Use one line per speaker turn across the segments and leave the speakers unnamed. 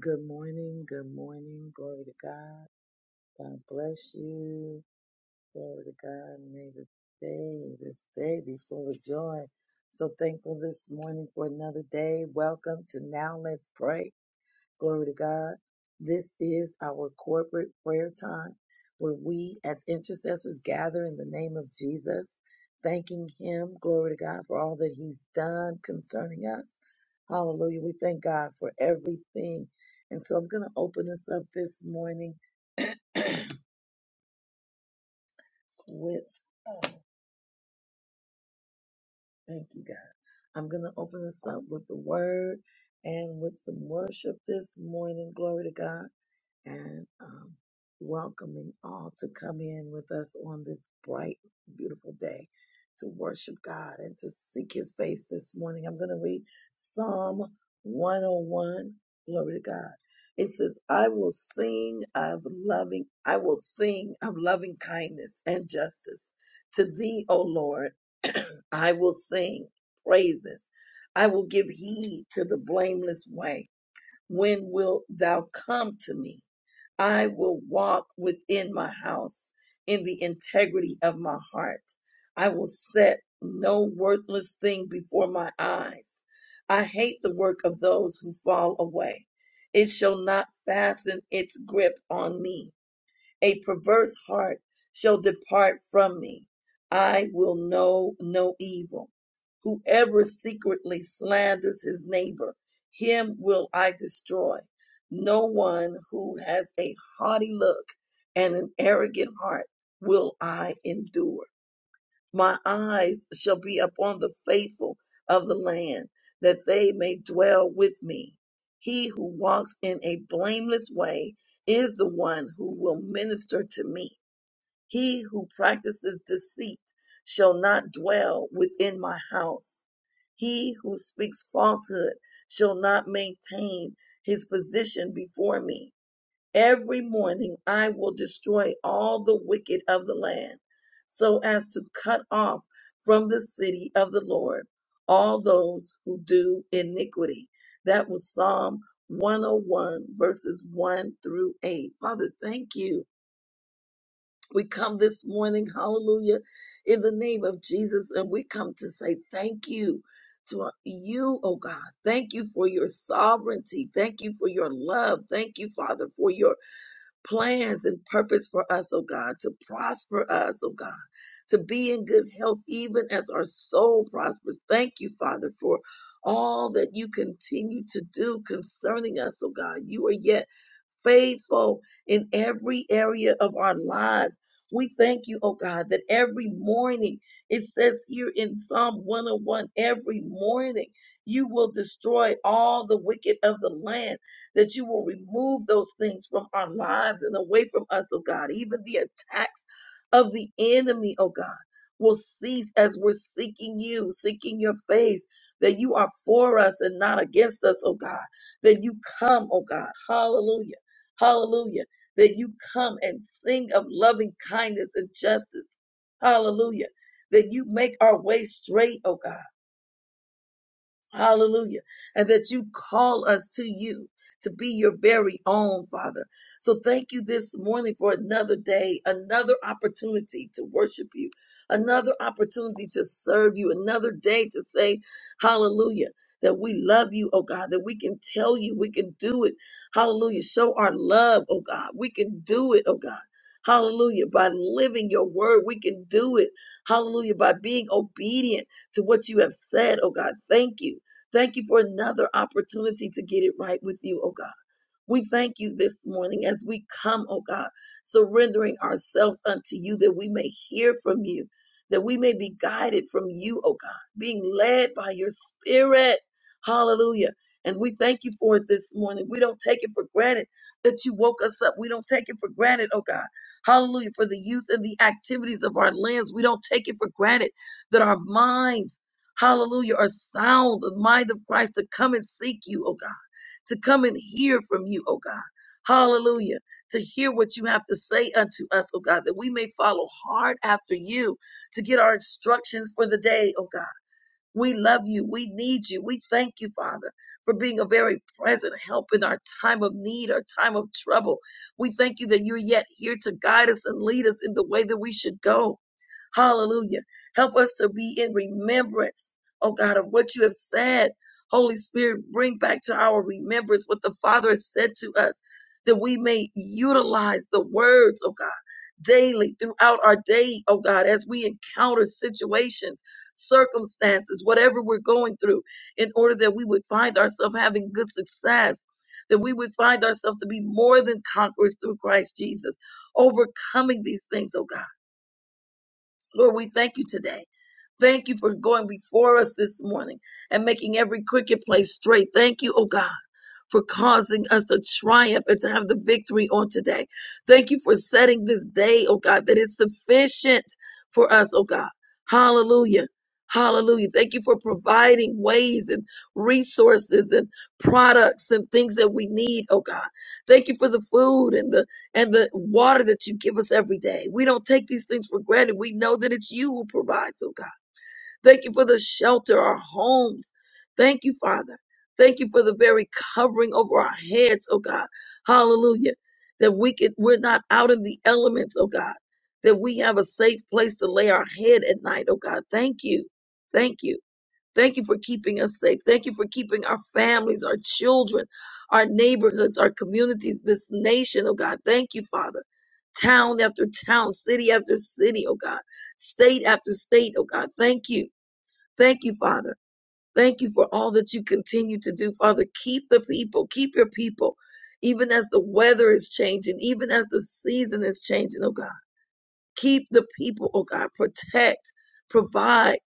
Good morning, good morning, glory to God. God bless you. Glory to God. May the day, this day be full of joy. So thankful this morning for another day. Welcome to Now Let's Pray. Glory to God. This is our corporate prayer time where we as intercessors gather in the name of Jesus, thanking Him, glory to God, for all that He's done concerning us. Hallelujah. We thank God for everything. And so I'm going to open this up this morning with, oh, thank you, God. I'm going to open this up with the word and with some worship this morning. Glory to God. and um, welcoming all to come in with us on this bright, beautiful day to worship God and to seek his face this morning. I'm going to read Psalm 101. Glory to God. It says, I will sing of loving, I will sing of loving kindness and justice. To thee, O Lord, I will sing praises. I will give heed to the blameless way when wilt thou come to me? I will walk within my house in the integrity of my heart. I will set no worthless thing before my eyes. I hate the work of those who fall away. It shall not fasten its grip on me. A perverse heart shall depart from me. I will know no evil. Whoever secretly slanders his neighbor, him will I destroy. No one who has a haughty look and an arrogant heart will I endure. My eyes shall be upon the faithful of the land, that they may dwell with me. He who walks in a blameless way is the one who will minister to me. He who practices deceit shall not dwell within my house. He who speaks falsehood shall not maintain his position before me. Every morning I will destroy all the wicked of the land, so as to cut off from the city of the Lord all those who do iniquity. That was Psalm 101, verses 1 through 8. Father, thank you. We come this morning, hallelujah, in the name of Jesus, and we come to say thank you to you, oh God. Thank you for your sovereignty. Thank you for your love. Thank you, Father, for your plans and purpose for us, oh God, to prosper us, oh God, to be in good health, even as our soul prospers. Thank you, Father, for all that you continue to do concerning us, oh God. You are yet faithful in every area of our lives. We thank you, oh God, that every morning, it says here in Psalm 101, every morning you will destroy all the wicked of the land, that you will remove those things from our lives and away from us, oh God. Even the attacks of the enemy, oh God, will cease as we're seeking you, seeking your face, that you are for us and not against us, oh God, that you come, oh God. Hallelujah Hallelujah. That you come and sing of loving kindness and justice. Hallelujah. That you make our way straight, oh God. Hallelujah. And that you call us to you to be your very own, Father. So thank you this morning for another day, another opportunity to worship you, another opportunity to serve you, another day to say, Hallelujah. That we love you, oh God, that we can tell you, we can do it. Hallelujah. Show our love, oh God. We can do it, oh God. Hallelujah. By living your word, we can do it. Hallelujah. By being obedient to what you have said, oh God. Thank you. Thank you for another opportunity to get it right with you, oh God. We thank you this morning as we come, oh God, surrendering ourselves unto you that we may hear from you, that we may be guided from you, oh God, being led by your spirit. Hallelujah. And we thank you for it this morning. We don't take it for granted that you woke us up. We don't take it for granted, oh God. Hallelujah. For the use and the activities of our limbs. We don't take it for granted that our minds, hallelujah, are sound, the mind of Christ to come and seek you, oh God to come and hear from you, oh God. Hallelujah. To hear what you have to say unto us, oh God, that we may follow hard after you to get our instructions for the day, oh God. We love you. We need you. We thank you, Father, for being a very present help in our time of need, our time of trouble. We thank you that you're yet here to guide us and lead us in the way that we should go. Hallelujah. Help us to be in remembrance, oh God, of what you have said. Holy Spirit, bring back to our remembrance what the Father has said to us, that we may utilize the words, oh God, daily throughout our day, oh God, as we encounter situations circumstances, whatever we're going through, in order that we would find ourselves having good success, that we would find ourselves to be more than conquerors through Christ Jesus, overcoming these things, oh God. Lord, we thank you today. Thank you for going before us this morning and making every crooked place straight. Thank you, oh God for causing us to triumph and to have the victory on today. Thank you for setting this day, oh God, that is sufficient for us, oh God. Hallelujah. Hallelujah. Thank you for providing ways and resources and products and things that we need, oh God. Thank you for the food and the and the water that you give us every day. We don't take these things for granted. We know that it's you who provides, oh God. Thank you for the shelter, our homes. Thank you, Father. Thank you for the very covering over our heads, oh God. Hallelujah. That we can, we're not out in the elements, oh God. That we have a safe place to lay our head at night, oh God. Thank you. Thank you. Thank you for keeping us safe. Thank you for keeping our families, our children, our neighborhoods, our communities, this nation, oh God. Thank you, Father. Town after town, city after city, oh God. State after state, oh God. Thank you. Thank you, Father. Thank you for all that you continue to do, Father. Keep the people, keep your people, even as the weather is changing, even as the season is changing, oh God. Keep the people, oh God. Protect, provide,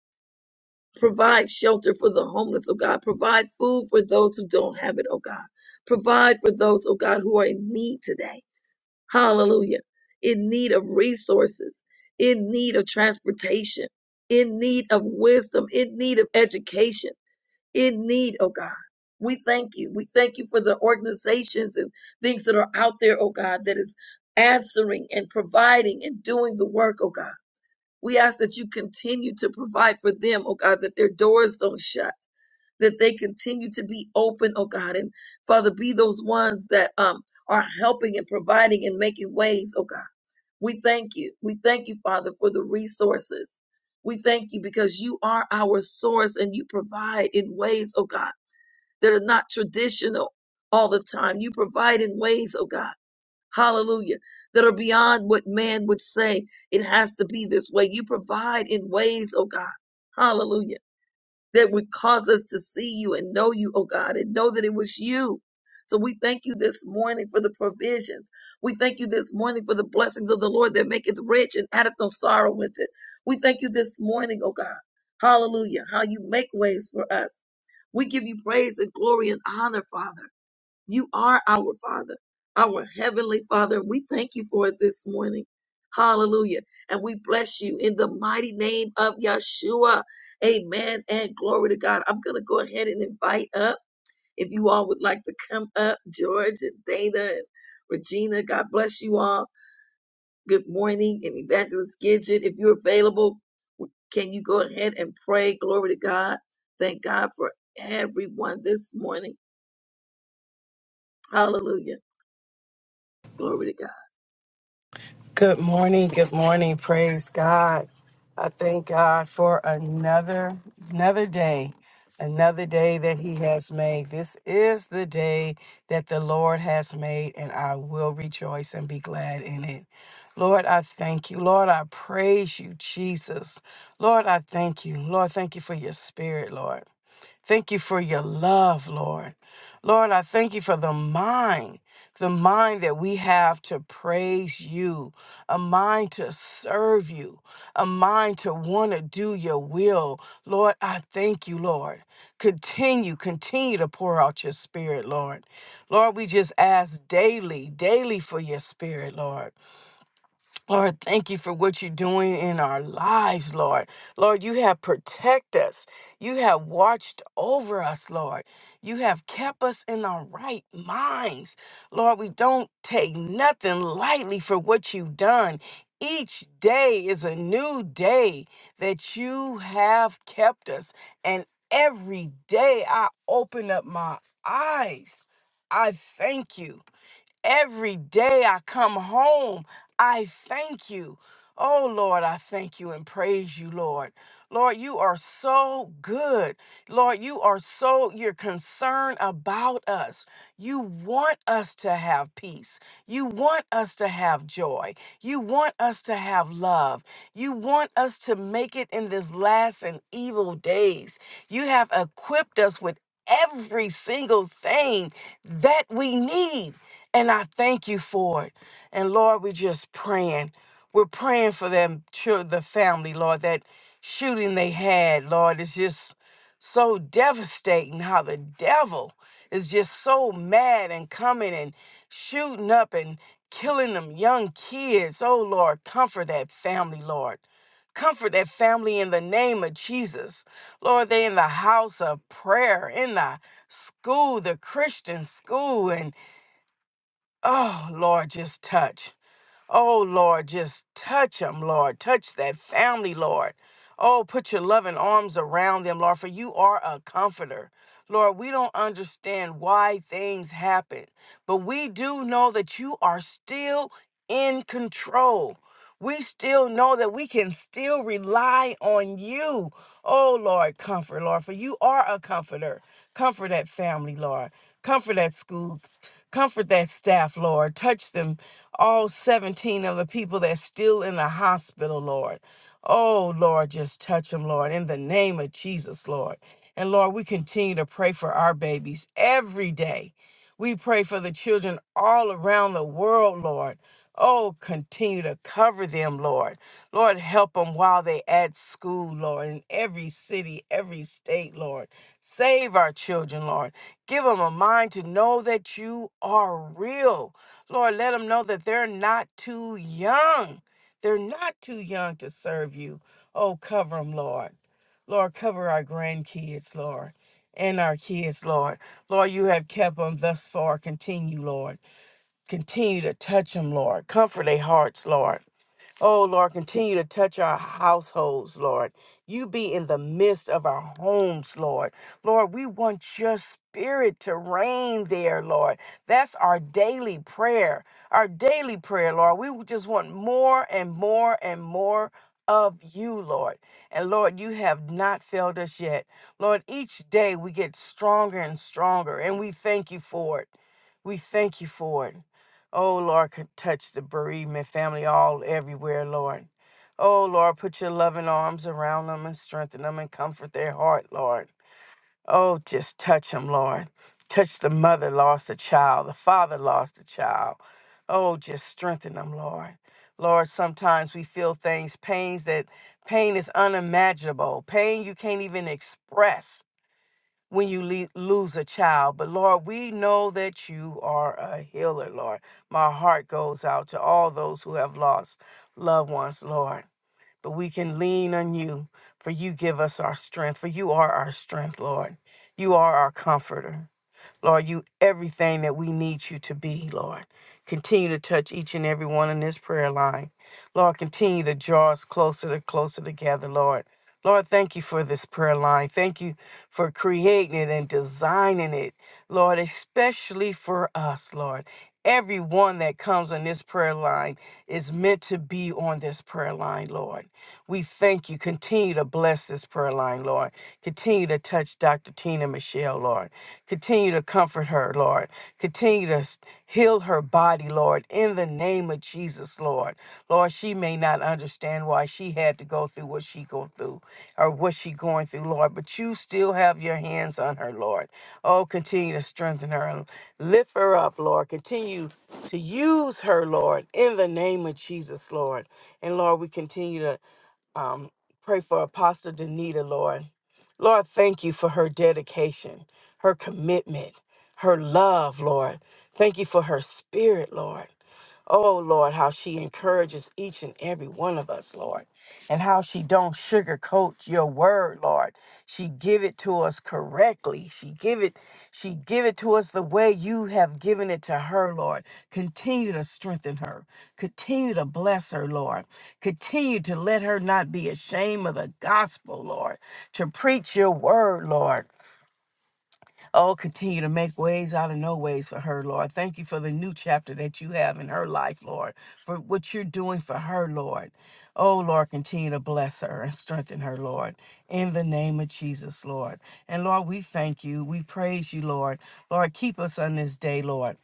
provide shelter for the homeless, oh God. Provide food for those who don't have it, oh God. Provide for those, oh God, who are in need today. Hallelujah. In need of resources, in need of transportation, in need of wisdom, in need of education in need, oh God. We thank you. We thank you for the organizations and things that are out there, oh God, that is answering and providing and doing the work, oh God. We ask that you continue to provide for them, oh God, that their doors don't shut, that they continue to be open, oh God. And Father, be those ones that um are helping and providing and making ways, oh God. We thank you. We thank you, Father, for the resources. We thank you because you are our source and you provide in ways, oh God that are not traditional all the time. You provide in ways, oh God, hallelujah, that are beyond what man would say. It has to be this way. You provide in ways, oh God, hallelujah that would cause us to see you and know you, oh God, and know that it was you. So we thank you this morning for the provisions. We thank you this morning for the blessings of the Lord that maketh rich and addeth no sorrow with it. We thank you this morning, oh God. Hallelujah. How you make ways for us. We give you praise and glory and honor, Father. You are our Father, our Heavenly Father. We thank you for it this morning. Hallelujah. And we bless you in the mighty name of Yeshua. Amen. And glory to God. I'm going to go ahead and invite up. If you all would like to come up, George and Dana and Regina, God bless you all. Good morning. And Evangelist Gidget, if you're available, can you go ahead and pray? Glory to God. Thank God for everyone this morning. Hallelujah. Glory to God.
Good morning. Good morning. Praise God. I thank God for another another day. Another day that he has made. This is the day that the Lord has made and I will rejoice and be glad in it. Lord, I thank you. Lord, I praise you, Jesus. Lord, I thank you. Lord, thank you for your spirit, Lord. Thank you for your love, Lord. Lord, I thank you for the mind, the mind that we have to praise you, a mind to serve you, a mind to want to do your will. Lord, I thank you, Lord. Continue, continue to pour out your spirit, Lord. Lord, we just ask daily, daily for your spirit, Lord. Lord, thank you for what you're doing in our lives, Lord. Lord, you have protected us. You have watched over us, Lord. You have kept us in our right minds. Lord, we don't take nothing lightly for what you've done. Each day is a new day that you have kept us. And every day I open up my eyes. I thank you. Every day I come home, I thank you. Oh Lord, I thank you and praise you, Lord. Lord, you are so good. Lord, you are so, you're concerned about us. You want us to have peace. You want us to have joy. You want us to have love. You want us to make it in this last and evil days. You have equipped us with every single thing that we need. And I thank you for it. And Lord, we're just praying. We're praying for them, chil- the family, Lord. That shooting they had, Lord, is just so devastating how the devil is just so mad and coming and shooting up and killing them young kids. Oh, Lord, comfort that family, Lord. Comfort that family in the name of Jesus. Lord, they in the house of prayer, in the school, the Christian school, and. Oh, Lord, just touch. Oh, Lord, just touch them, Lord. Touch that family, Lord. Oh, put your loving arms around them, Lord, for you are a comforter. Lord, we don't understand why things happen, but we do know that you are still in control. We still know that we can still rely on you. Oh, Lord, comfort, Lord, for you are a comforter. Comfort that family, Lord. Comfort that school. Comfort that staff, Lord. Touch them all 17 of the people that's still in the hospital, Lord. Oh, Lord, just touch them, Lord, in the name of Jesus, Lord. And Lord, we continue to pray for our babies every day. We pray for the children all around the world, Lord. Oh, continue to cover them, Lord. Lord, help them while they at school, Lord, in every city, every state, Lord. Save our children, Lord. Give them a mind to know that you are real Lord, let them know that they're not too young. They're not too young to serve you. Oh, cover them, Lord. Lord, cover our grandkids, Lord, and our kids, Lord. Lord, you have kept them thus far. Continue, Lord. Continue to touch them, Lord. Comfort their hearts, Lord. Oh, Lord, continue to touch our households, Lord. You be in the midst of our homes, Lord. Lord, we want your spirit to reign there, Lord. That's our daily prayer, our daily prayer, Lord. We just want more and more and more of you, Lord. And Lord, you have not failed us yet. Lord, each day we get stronger and stronger, and we thank you for it. We thank you for it. Oh Lord, could touch the bereavement family all everywhere, Lord. Oh Lord, put your loving arms around them and strengthen them and comfort their heart, Lord. Oh, just touch them, Lord. Touch the mother lost a child, the father lost a child. Oh, just strengthen them, Lord. Lord, sometimes we feel things, pains that pain is unimaginable, pain you can't even express when you le- lose a child. But Lord, we know that you are a healer, Lord. My heart goes out to all those who have lost loved ones, Lord. But we can lean on you, for you give us our strength, for you are our strength, Lord. You are our comforter. Lord, you everything that we need you to be, Lord. Continue to touch each and every one in this prayer line. Lord, continue to draw us closer to closer together, Lord. Lord, thank you for this prayer line. Thank you for creating it and designing it, Lord, especially for us, Lord. Everyone that comes on this prayer line is meant to be on this prayer line, Lord. We thank you. Continue to bless this prayer line, Lord. Continue to touch Dr. Tina Michelle, Lord. Continue to comfort her, Lord. Continue to s- heal her body, Lord, in the name of Jesus, Lord. Lord, she may not understand why she had to go through what she go through or what she going through, Lord, but you still have your hands on her, Lord. Oh, continue to strengthen her and lift her up, Lord. Continue to use her, Lord, in the name of Jesus, Lord. And Lord, we continue to um, pray for Apostle Danita, Lord. Lord, thank you for her dedication, her commitment, her love, Lord. Thank you for her spirit, Lord. Oh, Lord, how she encourages each and every one of us, Lord, and how she don't sugarcoat your word, Lord. She give it to us correctly. She give it she give it to us the way you have given it to her, Lord. Continue to strengthen her. Continue to bless her, Lord. Continue to let her not be ashamed of the gospel, Lord. To preach your word, Lord. Oh, continue to make ways out of no ways for her, Lord. Thank you for the new chapter that you have in her life, Lord, for what you're doing for her, Lord. Oh, Lord, continue to bless her and strengthen her, Lord, in the name of Jesus, Lord. And Lord, we thank you. We praise you, Lord. Lord, keep us on this day, Lord.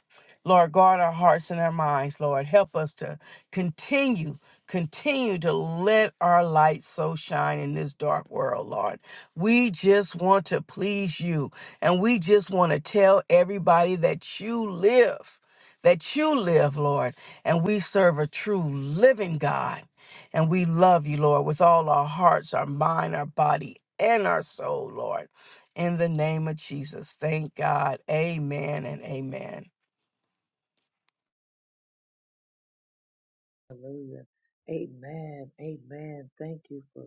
Lord, guard our hearts and our minds, Lord. Help us to continue, continue to let our light so shine in this dark world, Lord. We just want to please you. And we just want to tell everybody that you live, that you live, Lord. And we serve a true living God. And we love you, Lord, with all our hearts, our mind, our body, and our soul, Lord. In the name of Jesus. Thank God. Amen and amen.
Hallelujah. Amen. Amen. Thank you for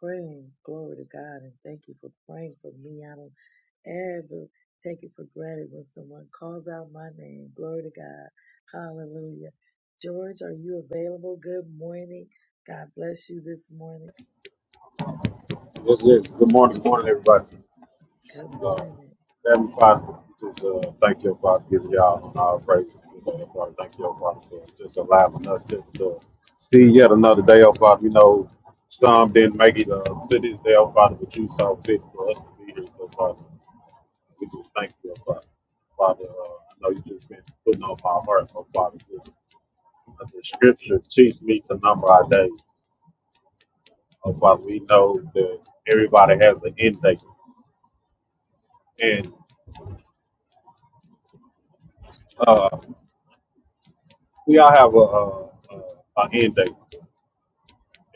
praying. Glory to God. And thank you for praying for me. I don't ever take it for granted when someone calls out my name. Glory to God. Hallelujah. George, are you available? Good morning. God bless you this morning.
Yes, yes. Good morning, good morning, everybody.
Good
Uh,
morning.
Heavenly Father, we just uh, thank you, Father, give y'all and our praises. Today, oh Father. Thank you, oh Father, for just allowing us just to see yet another day, oh Father. We know some didn't make it uh, to this day, oh Father, but you saw fit for us to be here, so Father, we just thank you, oh Father. Father, uh, I know you just been putting on my heart, oh Father, just, uh, the scripture teach me to number our days. Oh Father, we know that everybody has an end date. Uh, we all have a, a, a, a end date,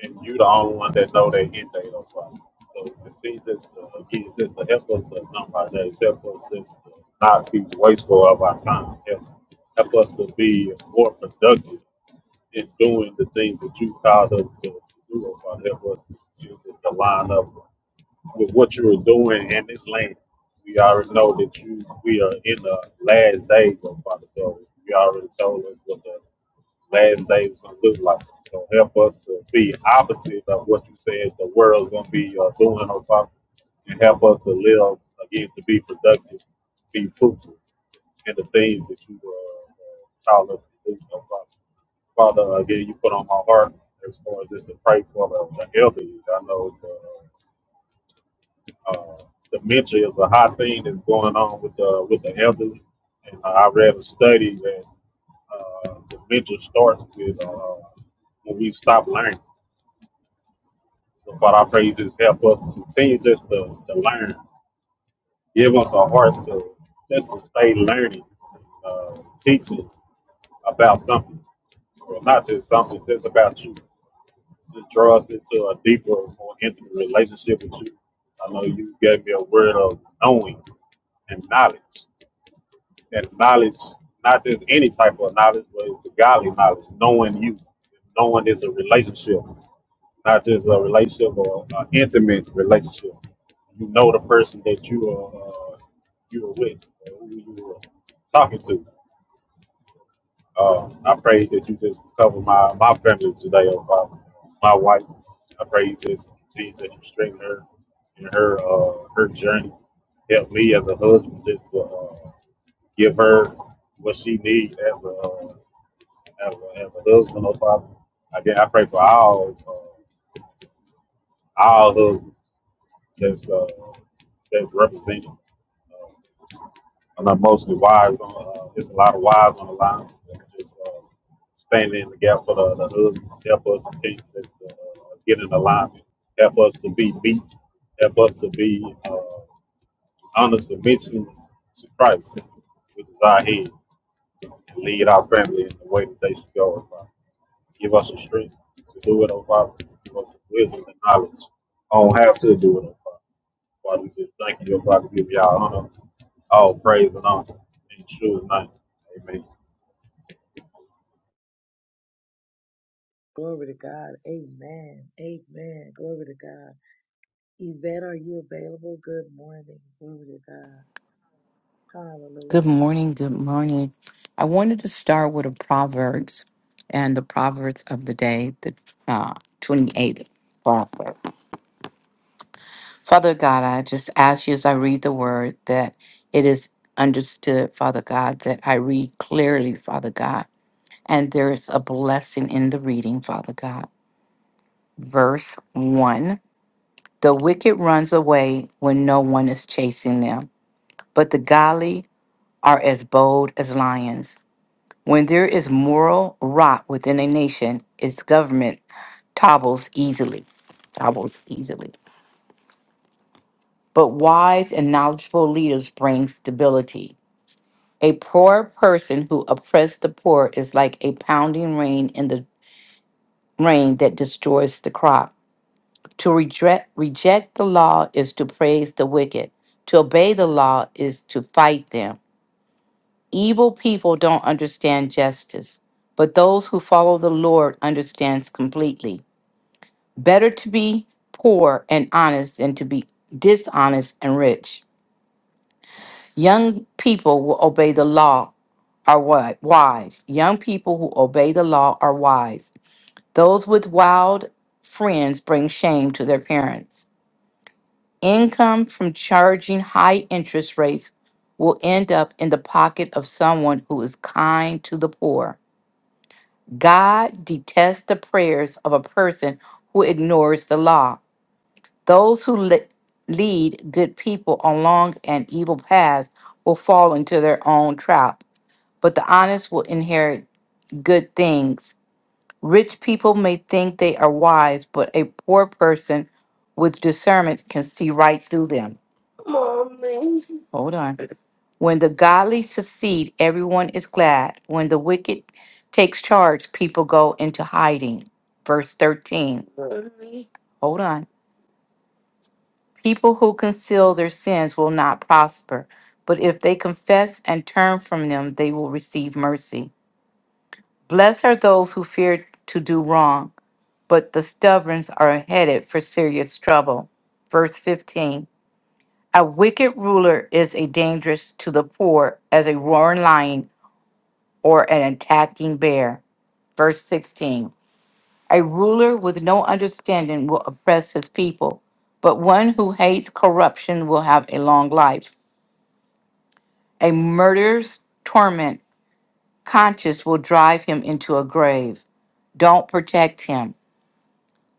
and you the only one that know that end date on Friday. So the thing just uh, again, just to help us to not by that, help us just to not be wasteful of our time, help, help us to be more productive in doing the things that you called us to do, or Father, help us to, to line up with what you were doing in this land. We already know that you, we are in the last days, of Father, so you already told us what the last days is gonna look like. So help us to be opposite of what you said the world's gonna be uh, doing or talking, and help us to live again to be productive, be fruitful in the things that you uh, uh, call us to do. So, Father, Father, again, you put on my heart as far as just to pray for the, the elderly. I know the, uh, dementia is a hot thing that's going on with the with the elderly, and I read a study that uh, the vigil starts with uh, when we stop learning. So Father, I pray you just help us to continue just to, to learn. Give us a heart to just to stay learning, uh, teaching about something. Well, not just something, just about you. Just draw us into a deeper, more intimate relationship with you. I know you gave me a word of knowing and knowledge. And knowledge, not just any type of knowledge, but it's the godly knowledge, knowing you. Knowing is a relationship. not just a relationship or an intimate relationship. You know the person that you are uh, you were with, or who you were talking to. Uh, I pray that you just cover my, my family today, oh Father, my wife. I pray you just continue to strengthen her in her uh, her journey. Help me as a husband just to uh, give her what she needs as a uh, as a, as a husband, oh Father. Again, I pray for all uh, all husbands. that's uh, that's represented. Uh, I know mostly wives on. Uh, there's a lot of wives on the line. that are Just uh, standing in the gap for the, the husbands. Help us to keep this, uh, get in alignment. Help us to be beat. Help us to be uh, under submission to Christ, which is our head, and lead our family in the way that they should go. Give us the strength to do it, oh Father. Give us the wisdom and knowledge. I don't have to do it, oh Father. Father, we just thank you, oh Father. Give y'all honor, all praise and honor. In Yeshua's name, amen.
Glory to God. Amen. Amen. Glory to God. Yvette, are you available? Good morning. Glory to God.
Good
Hallelujah.
morning. Good morning. I wanted to start with a Proverbs and the Proverbs of the day, the uh, 28th Proverb. Father God, I just ask you as I read the word that it is understood, Father God, that I read clearly, Father God, and there is a blessing in the reading, Father God. Verse 1 The wicked runs away when no one is chasing them, but the godly are as bold as lions. When there is moral rot within a nation, its government topbles easily. Topbles easily. But wise and knowledgeable leaders bring stability. A poor person who oppresses the poor is like a pounding rain in the rain that destroys the crop. To reject reject the law is to praise the wicked. To obey the law is to fight them. Evil people don't understand justice, but those who follow the Lord understands completely. Better to be poor and honest than to be dishonest and rich. Young people will obey the law are what? Wise. Young people who obey the law are wise. Those with wild friends bring shame to their parents. Income from charging high interest rates will end up in the pocket of someone who is kind to the poor. God detests the prayers of a person who ignores the law. Those who le- lead good people along an evil path will fall into their own trap, but the honest will inherit good things. Rich people may think they are wise, but a poor person with discernment can see right through them. Mommy. Hold on. When the godly succeed, everyone is glad. When the wicked takes charge, people go into hiding. Verse 13. Mommy. Hold on. People who conceal their sins will not prosper, but if they confess and turn from them, they will receive mercy. Blessed are those who fear to do wrong, but the stubborn are headed for serious trouble. Verse 15 A wicked ruler is a dangerous to the poor as a roaring lion or an attacking bear. Verse 16 A ruler with no understanding will oppress his people, but one who hates corruption will have a long life. A murderer's torment conscience will drive him into a grave. Don't protect him.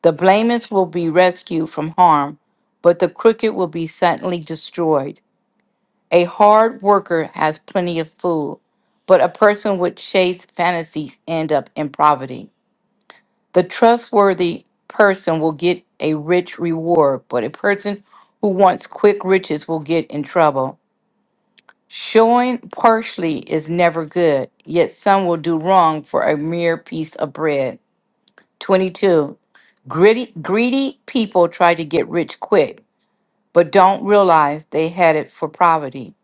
The blameless will be rescued from harm, but the crooked will be suddenly destroyed. A hard worker has plenty of food, but a person with chase fantasies end up in poverty. The trustworthy person will get a rich reward, but a person who wants quick riches will get in trouble. Showing partially is never good, yet some will do wrong for a mere piece of bread. 22. Gritty, greedy people try to get rich quick, but don't realize they had it for poverty.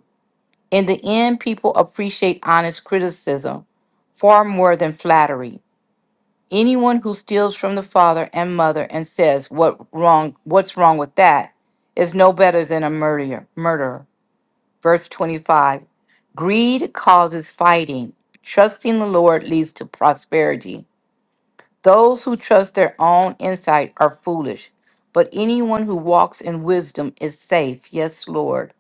In the end, people appreciate honest criticism far more than flattery. Anyone who steals from the father and mother and says what wrong what's wrong with that is no better than a murderer. Murderer. Verse 25 Greed causes fighting, trusting the Lord leads to prosperity. Those who trust their own insight are foolish, but anyone who walks in wisdom is safe. Yes, Lord.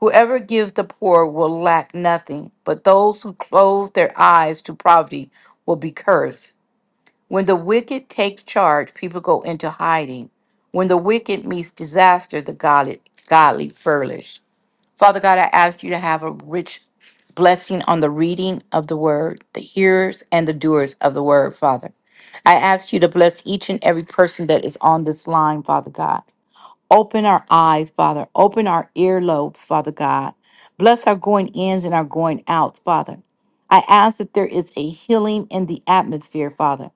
Whoever gives the poor will lack nothing, but those who close their eyes to poverty will be cursed. When the wicked take charge, people go into hiding. When the wicked meets disaster, the godly, godly flourish. Father God, I ask you to have a rich blessing on the reading of the word, the hearers and the doers of the word, Father. I ask you to bless each and every person that is on this line, Father God. Open our eyes, Father. Open our earlobes, Father God. Bless our going ins and our going outs, Father. I ask that there is a healing in the atmosphere, Father.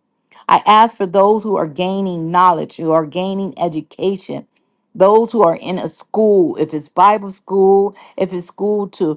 I ask for those who are gaining knowledge, who are gaining education, those who are in a school, if it's Bible school, if it's school to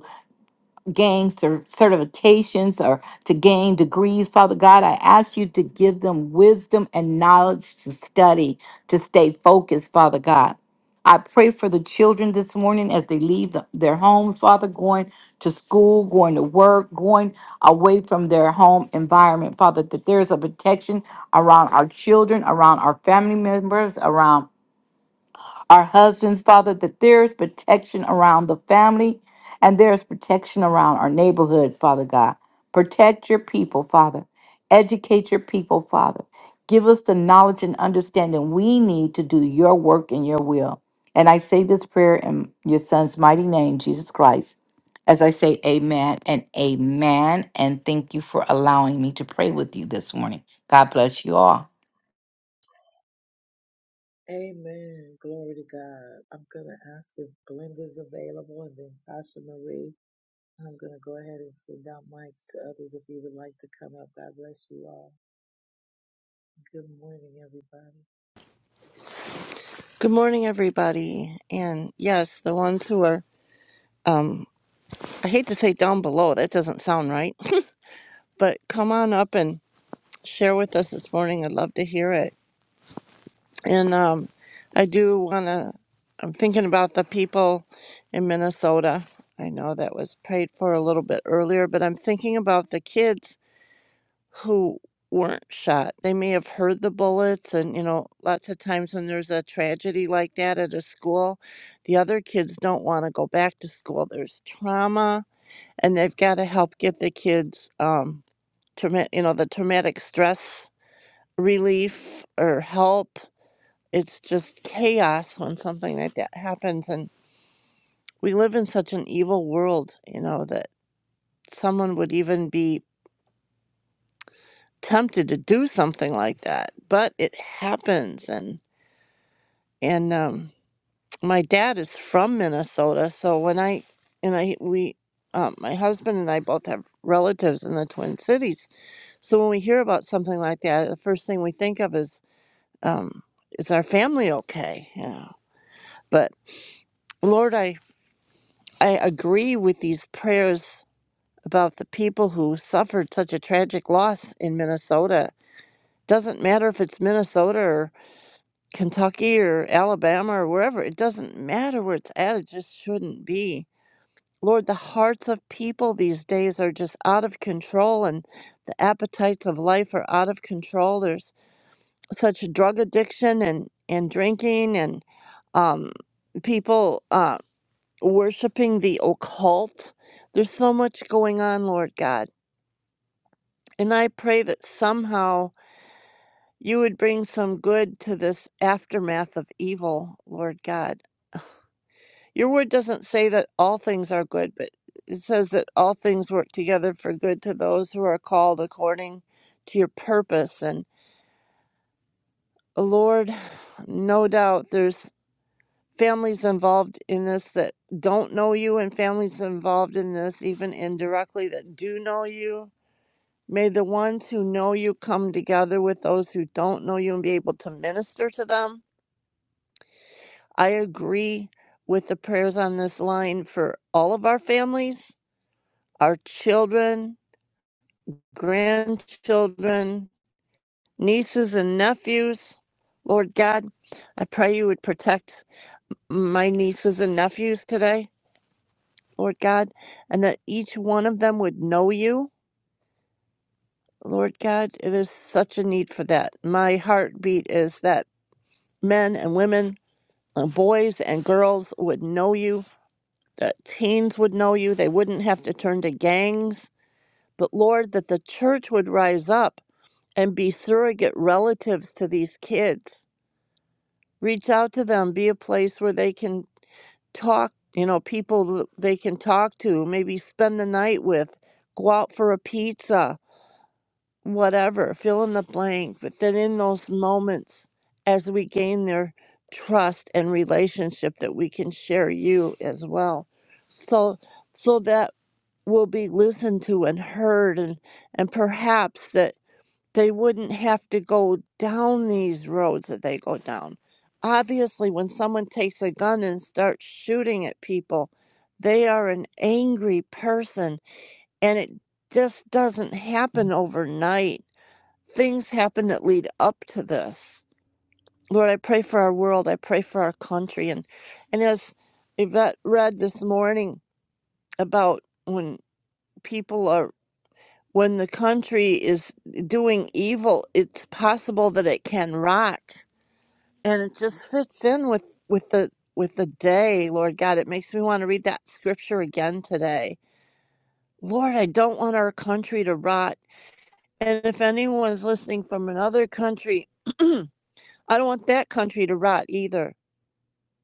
gain cer- certifications or to gain degrees. Father God, I ask you to give them wisdom and knowledge to study, to stay focused, Father God. I pray for the children this morning as they leave the- their homes, Father, going to school, going to work, going away from their home environment, Father, that there is a protection around our children, around our family members, around our husbands, Father, that there is protection around the family and there is protection around our neighborhood, Father God. Protect your people, Father. Educate your people, Father. Give us the knowledge and understanding we need to do your work and your will. And I say this prayer in your son's mighty name, Jesus Christ. As I say amen and amen, and thank you for allowing me to pray with you this morning. God bless you all.
Amen. Glory to God. I'm going to ask if Glenda's available and then Tasha Marie. I'm going to go ahead and send out mics to others if you would like to come up. God bless you all. Good morning, everybody.
Good morning, everybody. And yes, the ones who are, I hate to say down below, that doesn't sound right, but come on up and share with us this morning. I'd love to hear it. And um, I do want to, I'm thinking about the people in Minnesota. I know that was prayed for a little bit earlier, but I'm thinking about the kids who weren't shot. They may have heard the bullets, and you know, lots of times when there's a tragedy like that at a school, the other kids don't want to go back to school. There's trauma, and they've got to help get the kids, um, trauma, you know, the traumatic stress relief or help. It's just chaos when something like that happens, and we live in such an evil world, you know, that someone would even be tempted to do something like that, but it happens, and and um, my dad is from Minnesota. So when I and I we, um, my husband and I both have relatives in the Twin Cities. So when we hear about something like that, the first thing we think of is, um, is our family okay? You know. But Lord, I I agree with these prayers about the people who suffered such a tragic loss in Minnesota. Doesn't matter if it's Minnesota or Kentucky or Alabama or wherever. It doesn't matter where it's at. It just shouldn't be Lord, the hearts of people these days are just out of control, and the appetites of life are out of control. There's such drug addiction and, and drinking, and um, people uh, worshiping the occult. There's so much going on, Lord God. And I pray that somehow you would bring some good to this aftermath of evil, Lord God. Your word doesn't say that all things are good, but it says that all things work together for good to those who are called according to your purpose. And uh, Lord, no doubt there's families involved in this that don't know you, and families involved in this, even indirectly, that do know you. May the ones who know you come together with those who don't know you and be able to minister to them. I agree with the prayers on this line for all of our families our children, grandchildren, nieces, and nephews. Lord God, I pray you would protect my nieces and nephews today, Lord God, and that each one of them would know you. Lord God, it is such a need for that. My heartbeat is that men and women, uh, boys and girls would know you, that teens would know you. They wouldn't have to turn to gangs, but Lord, that the church would rise up and be surrogate relatives to these kids. Reach out to them, be a place where they can talk, you know, people th- they can talk to, maybe spend the night with, go out for a pizza, whatever, fill in the blank. But then in those moments, as we gain their trust and relationship, that we can share you as well. So, so that we will be listened to and heard and and perhaps that they wouldn't have to go down these roads that they go down. Obviously, when someone takes a gun and starts shooting at people, they are an angry person, and it just doesn't happen overnight. Things happen that lead up to this. Lord, I pray for our world. I pray for our country. And, and as Yvette read this morning about when people are when the country is doing evil, it's possible that it can rot. And it just fits in with, with the with the day, Lord God. It makes me want to read that scripture again today. Lord, I don't want our country to rot. And if anyone's listening from another country, I don't want that country to rot either.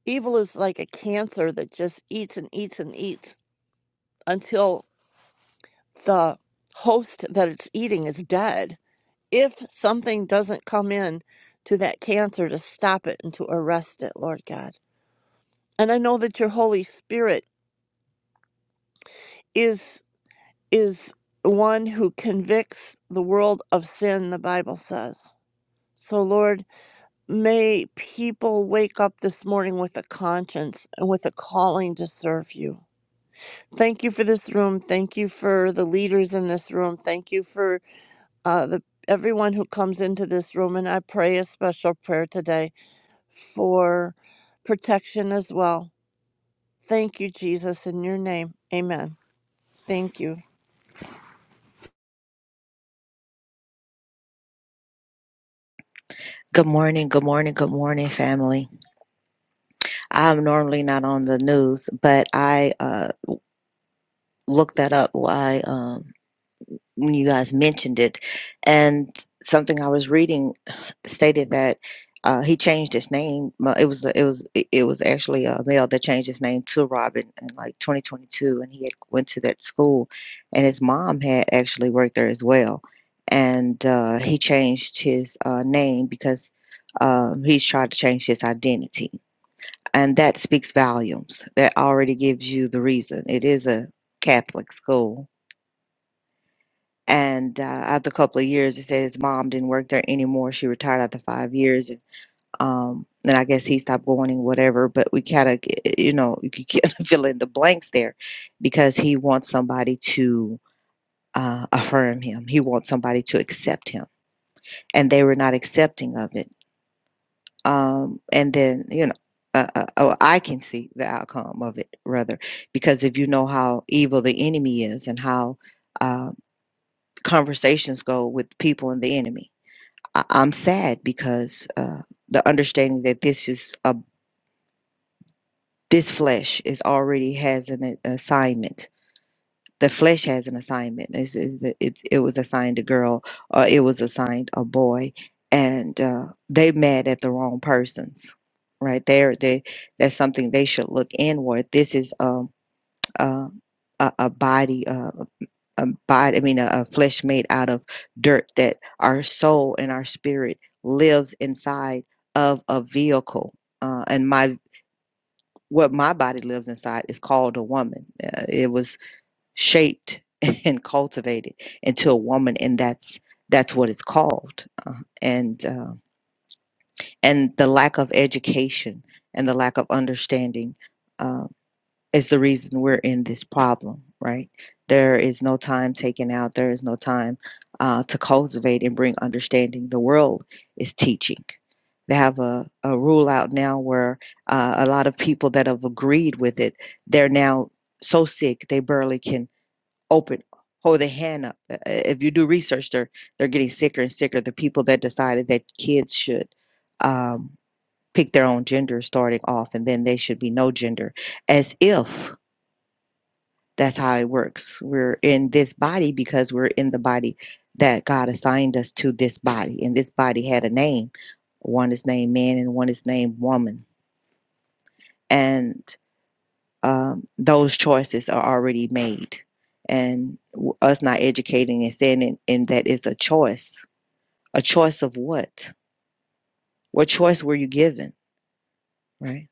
Evil is like a cancer that just eats and eats and eats until the host that it's eating is dead. if something doesn't come in to that cancer to stop it and to arrest it lord god and i know that your holy spirit is is one who convicts the world of sin the bible says so lord may people wake up this morning with a conscience and with a calling to serve you thank you for this room thank you for the leaders in this room thank you for uh, the everyone who comes into this room and i pray a special prayer today for protection as well. Thank you, Jesus, in your name. Amen. Thank you.
Good morning, good morning, good morning, family. I'm normally not on the news, but I uh, looked that up why um, when you guys mentioned it, and something I was reading stated that uh, he changed his name. Well, It was it was it was actually a male that changed his name to Robin in like 2022, and he had went to that school, and his mom had actually worked there as well, and uh, he changed his uh, name because um, he's tried to change his identity and that speaks volumes. That already gives you the reason. It is a Catholic school. And uh, after a couple of years, he said his mom didn't work there anymore. She retired after five years. And, um, and I guess he stopped going and whatever. But we kind of, you know, you could kind of fill in the blanks there because he wants somebody to uh, affirm him, he wants somebody to accept him. And they were not accepting of it. um, and then you know uh, uh, oh, i can see the outcome of it rather because if you know how evil the enemy is and how uh, conversations go with people and the enemy I- i'm sad because uh, the understanding that this is a this flesh is already has an a- assignment The flesh has an assignment. This is the, it, it was assigned a girl or it was assigned a boy, and uh, they mad at the wrong persons. Right there, they that's something they should look inward. This is um uh, a, a body uh, a body. I mean, a, a flesh made out of dirt that our soul and our spirit lives inside of a vehicle. Uh, and my what my body lives inside is called a woman. Uh, it was shaped and cultivated into a woman and that's that's what it's called uh, and uh, and the lack of education and the lack of understanding uh, is the reason we're in this problem right there is no time taken out there is no time uh, to cultivate and bring understanding the world is teaching they have a, a rule out now where uh, a lot of people that have agreed with it they're now so sick they barely can open hold their hand up Uh, uh, if you do research they're they're getting sicker and sicker the people that decided that kids should um, pick their own gender starting off and then they should be no gender as if that's how it works we're in this body because we're in the body that god assigned us to this body and this body had a name one is named man and one is named woman and um, those choices are already made and w- us not educating and saying it, and that is a choice a choice of what what choice were you given right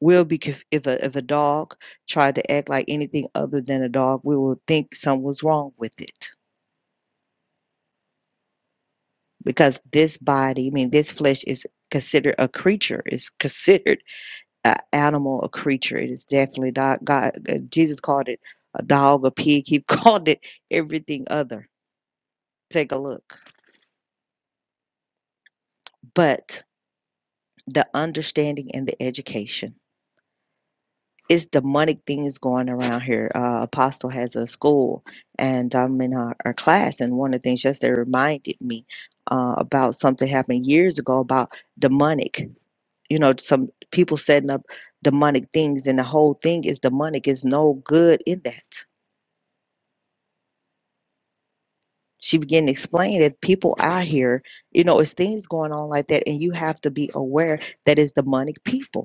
we'll be conf- if a, if a dog tried to act like anything other than a dog we will think something was wrong with it because this body i mean this flesh is considered a creature it's considered an animal a creature it is definitely dog god uh, jesus called it a dog a pig he called it everything other take a look. But the understanding and the education. It's demonic things going around here. Uh, Apostle has a school, and I'm in our, our class. And one of the things yesterday reminded me uh, about something happened years ago about demonic. You know, some people setting up demonic things, and the whole thing is demonic. Is no good in that. She began to explain that people out here, you know, it's things going on like that, and you have to be aware that it's demonic people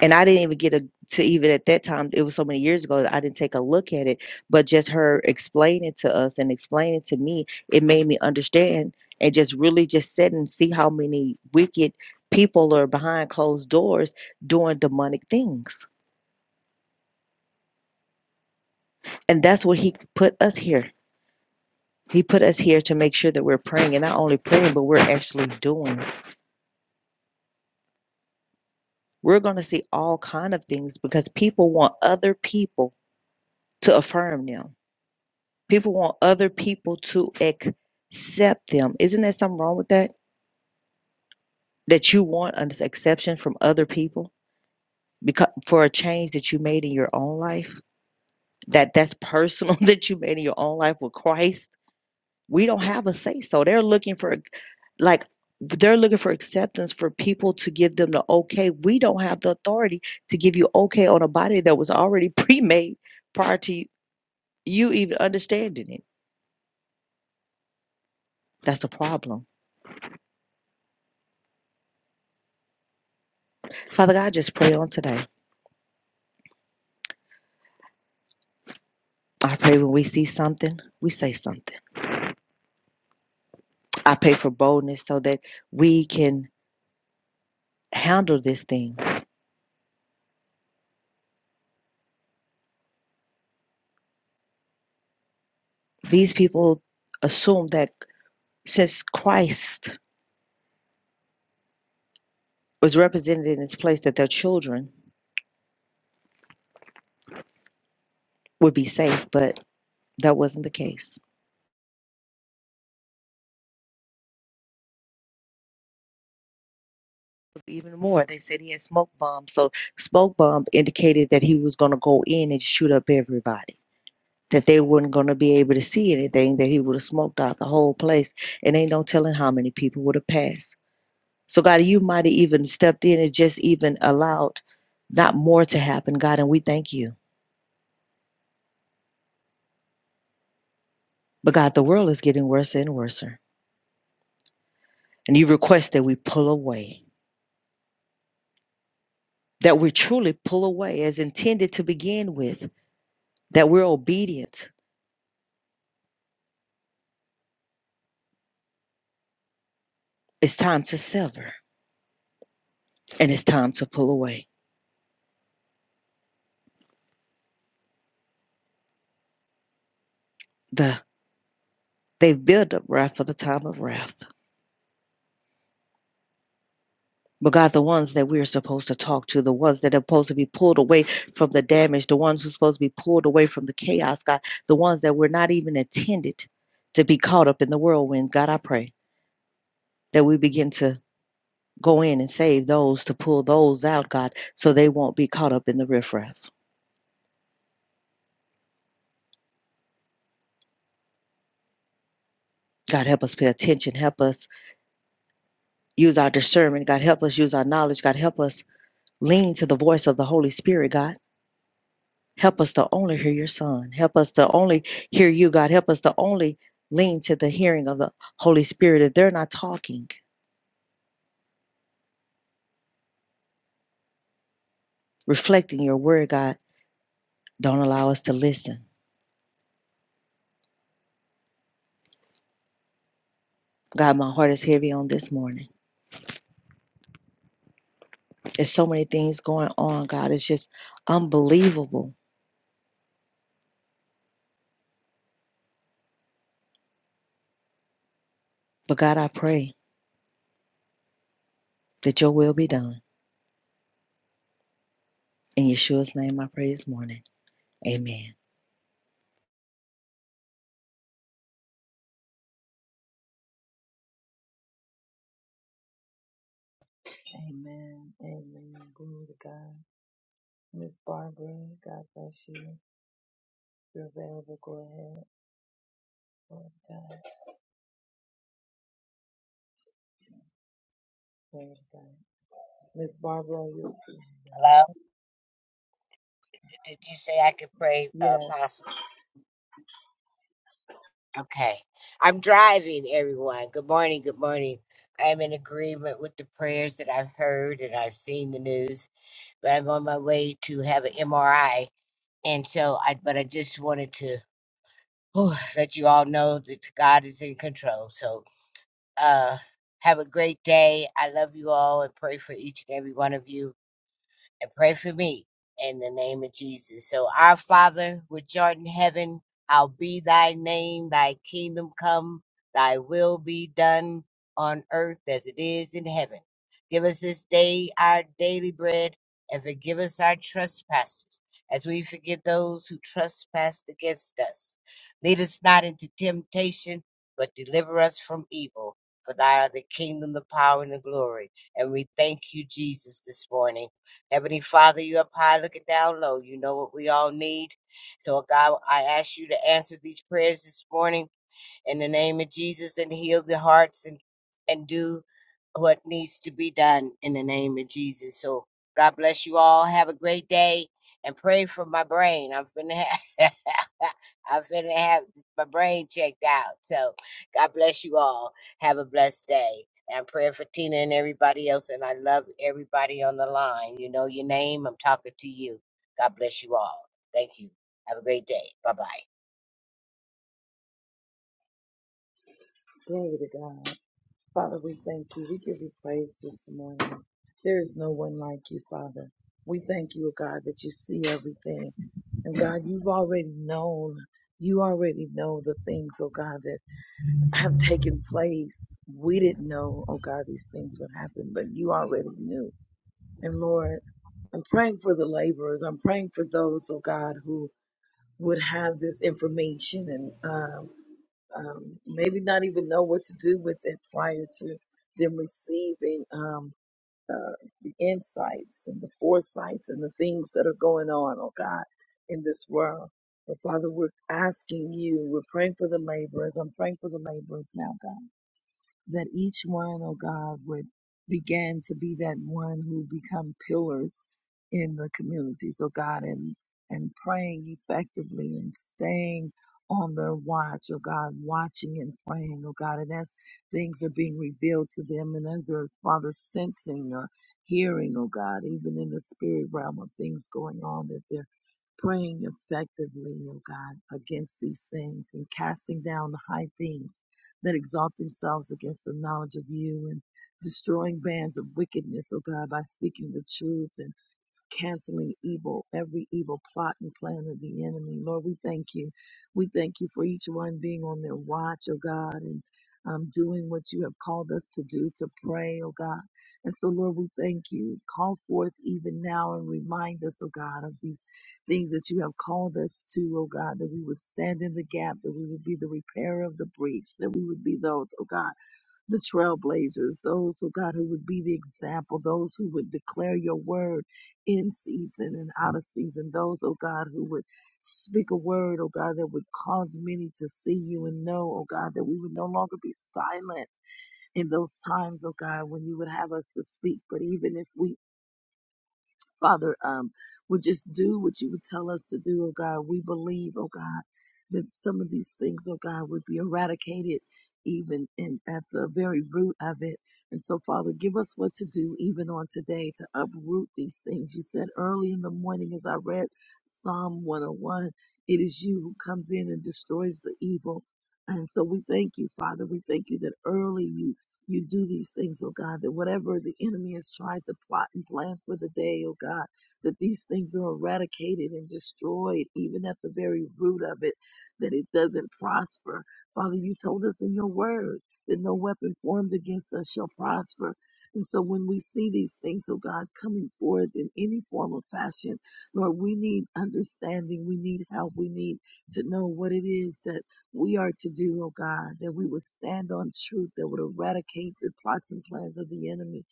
And I didn't even get a to even at that time, it was so many years ago that I didn't take a look at it, but just her explaining to us and explaining to me, it made me understand and just really just sit and see how many wicked people are behind closed doors doing demonic things. And that's what he put us here. He put us here to make sure that we're praying and not only praying, but we're actually doing. We're going to see all kind of things because people want other people to affirm them People want other people to accept them. Isn't there something wrong with that? That you want an exception from other people because for a change that you made in your own life, that that's personal that you made in your own life with Christ. We don't have a say so. They're looking for like they're looking for acceptance for people to give them the okay. We don't have the authority to give you okay on a body that was already pre-made prior to you even understanding it. That's a problem. Father God, I just pray on today. I pray when we see something, we say something. I pray for boldness so that we can handle this thing. These people assume that since Christ was represented in his place, that their children would be safe, but that wasn't the case. Even more, they said he had smoke bombs. So, smoke bomb indicated that he was going to go in and shoot up everybody, that they weren't going to be able to see anything, that he would have smoked out the whole place, and ain't no telling how many people would have passed. So, God, you might have even stepped in and just even allowed not more to happen, God, and we thank you. But, God, the world is getting worse and worse. And you request that we pull away, that we truly pull away as intended to begin with, that we're obedient. It's time to sever and it's time to pull away. The They've built up wrath for the time of wrath. But God, the ones that we're supposed to talk to, the ones that are supposed to be pulled away from the damage, the ones who's supposed to be pulled away from the chaos, God, the ones that were not even intended to be caught up in the whirlwind, God, I pray that we begin to go in and save those, to pull those out, God, so they won't be caught up in the riffraff. God, help us pay attention. Help us use our discernment. God, help us use our knowledge. God, help us lean to the voice of the Holy Spirit, God. Help us to only hear your son. Help us to only hear you, God. Help us to only lean to the hearing of the Holy Spirit. If they're not talking, reflecting your word, God, don't allow us to listen. God, my heart is heavy on this morning. There's so many things going on, God. It's just unbelievable. But God, I pray that your will be done. In Yeshua's name, I pray this morning. Amen.
Amen. Amen. Glory to God. Miss Barbara, God bless you. If you're available, go ahead. Glory to God. Glory to God. Miss Barbara, are you?
Hello? Did you say I could pray, uh,
Yes.
possible? Okay. I'm driving, everyone. Good morning. Good morning. I am in agreement with the prayers that I've heard and I've seen the news, but I'm on my way to have an MRI. And so I, but I just wanted to whew, let you all know that God is in control. So, uh, have a great day. I love you all and pray for each and every one of you. and pray for me in the name of Jesus. So, our Father, which art in heaven, hallowed be thy name, thy kingdom come, thy will be done on earth as it is in heaven. Give us this day our daily bread and forgive us our trespasses as we forgive those who trespass against us. Lead us not into temptation, but deliver us from evil. For thy are the kingdom, the power, and the glory. And we thank you, Jesus, this morning. Heavenly Father, you up high, looking down low. You know what we all need. So, God, I ask you to answer these prayers this morning in the name of Jesus and heal the hearts and, and do what needs to be done in the name of Jesus. So God bless you all. Have a great day and pray for my brain. I'm finna have, I'm finna have my brain checked out. So God bless you all. Have a blessed day. And I'm praying for Tina and everybody else. And I love everybody on the line. You know your name. I'm talking to you. God bless you all. Thank you. Have a great day. Bye bye.
Glory to God. Father, we thank you. We give you praise this morning. There is no one like you, Father. We thank you, God, that you see everything. And God, you've already known. You already know the things, oh God, that have taken place. We didn't know, oh God, these things would happen, but you already knew. And Lord, I'm praying for the laborers. I'm praying for those, oh God, who would have this information and. um, um, maybe not even know what to do with it prior to them receiving um, uh, the insights and the foresights and the things that are going on, oh God, in this world. But Father, we're asking you, we're praying for the laborers. I'm praying for the laborers now, God that each one, oh God, would begin to be that one who become pillars in the communities, oh God, and and praying effectively and staying on their watch, oh God, watching and praying, oh God, and as things are being revealed to them and as they're Father sensing or hearing, oh God, even in the spirit realm of things going on that they're praying effectively, O God, against these things and casting down the high things that exalt themselves against the knowledge of you and destroying bands of wickedness, O God, by speaking the truth and canceling evil, every evil plot and plan of the enemy. Lord, we thank you. We thank you for each one being on their watch, oh God, and um, doing what you have called us to do, to pray, oh God. And so, Lord, we thank you. Call forth even now and remind us, oh God, of these things that you have called us to, oh God, that we would stand in the gap, that we would be the repairer of the breach, that we would be those, oh God, the trailblazers, those, oh God, who would be the example, those who would declare your word in season and out of season, those, oh God, who would speak a word, oh God, that would cause many to see you and know, oh God, that we would no longer be silent in those times, oh God, when you would have us to speak. But even if we Father, um, would just do what you would tell us to do, oh God. We believe, oh God, that some of these things, oh God, would be eradicated even in at the very root of it. And so, Father, give us what to do even on today to uproot these things. You said early in the morning as I read Psalm 101, it is you who comes in and destroys the evil. And so we thank you, Father. We thank you that early you you do these things, oh God, that whatever the enemy has tried to plot and plan for the day, oh God, that these things are eradicated and destroyed, even at the very root of it, that it doesn't prosper. Father, you told us in your word that no weapon formed against us shall prosper. And so when we see these things, oh God, coming forth in any form or fashion, Lord, we need understanding. We need help. We need to know what it is that we are to do, oh God, that we would stand on truth that would eradicate the plots and plans of the enemy,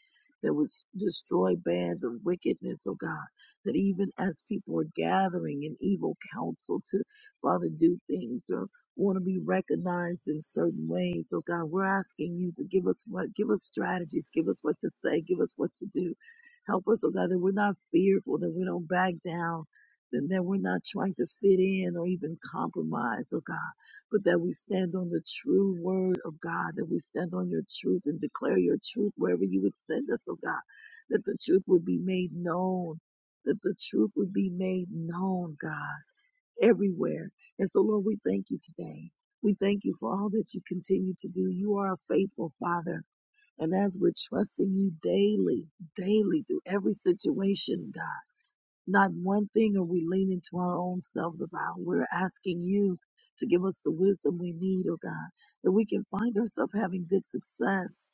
that would s- destroy bands of wickedness, oh God, that even as people are gathering in evil counsel to, Father, do things or want to be recognized in certain ways, oh God, we're asking you to give us what, give us strategies, give us what to say, give us what to do. Help us, oh God, that we're not fearful, that we don't back down, and that we're not trying to fit in or even compromise, oh God but that we stand on the true word of God, that we stand on your truth and declare your truth wherever you would send us, oh God, that the truth would be made known, that the truth would be made known, God, everywhere. And so, Lord, we thank you today. We thank you for all that you continue to do. You are a faithful Father. And as we're trusting you daily, daily through every situation, God. Not one thing are we leaning to our own selves about. We're asking you to give us the wisdom we need, oh God, that we can find ourselves having good success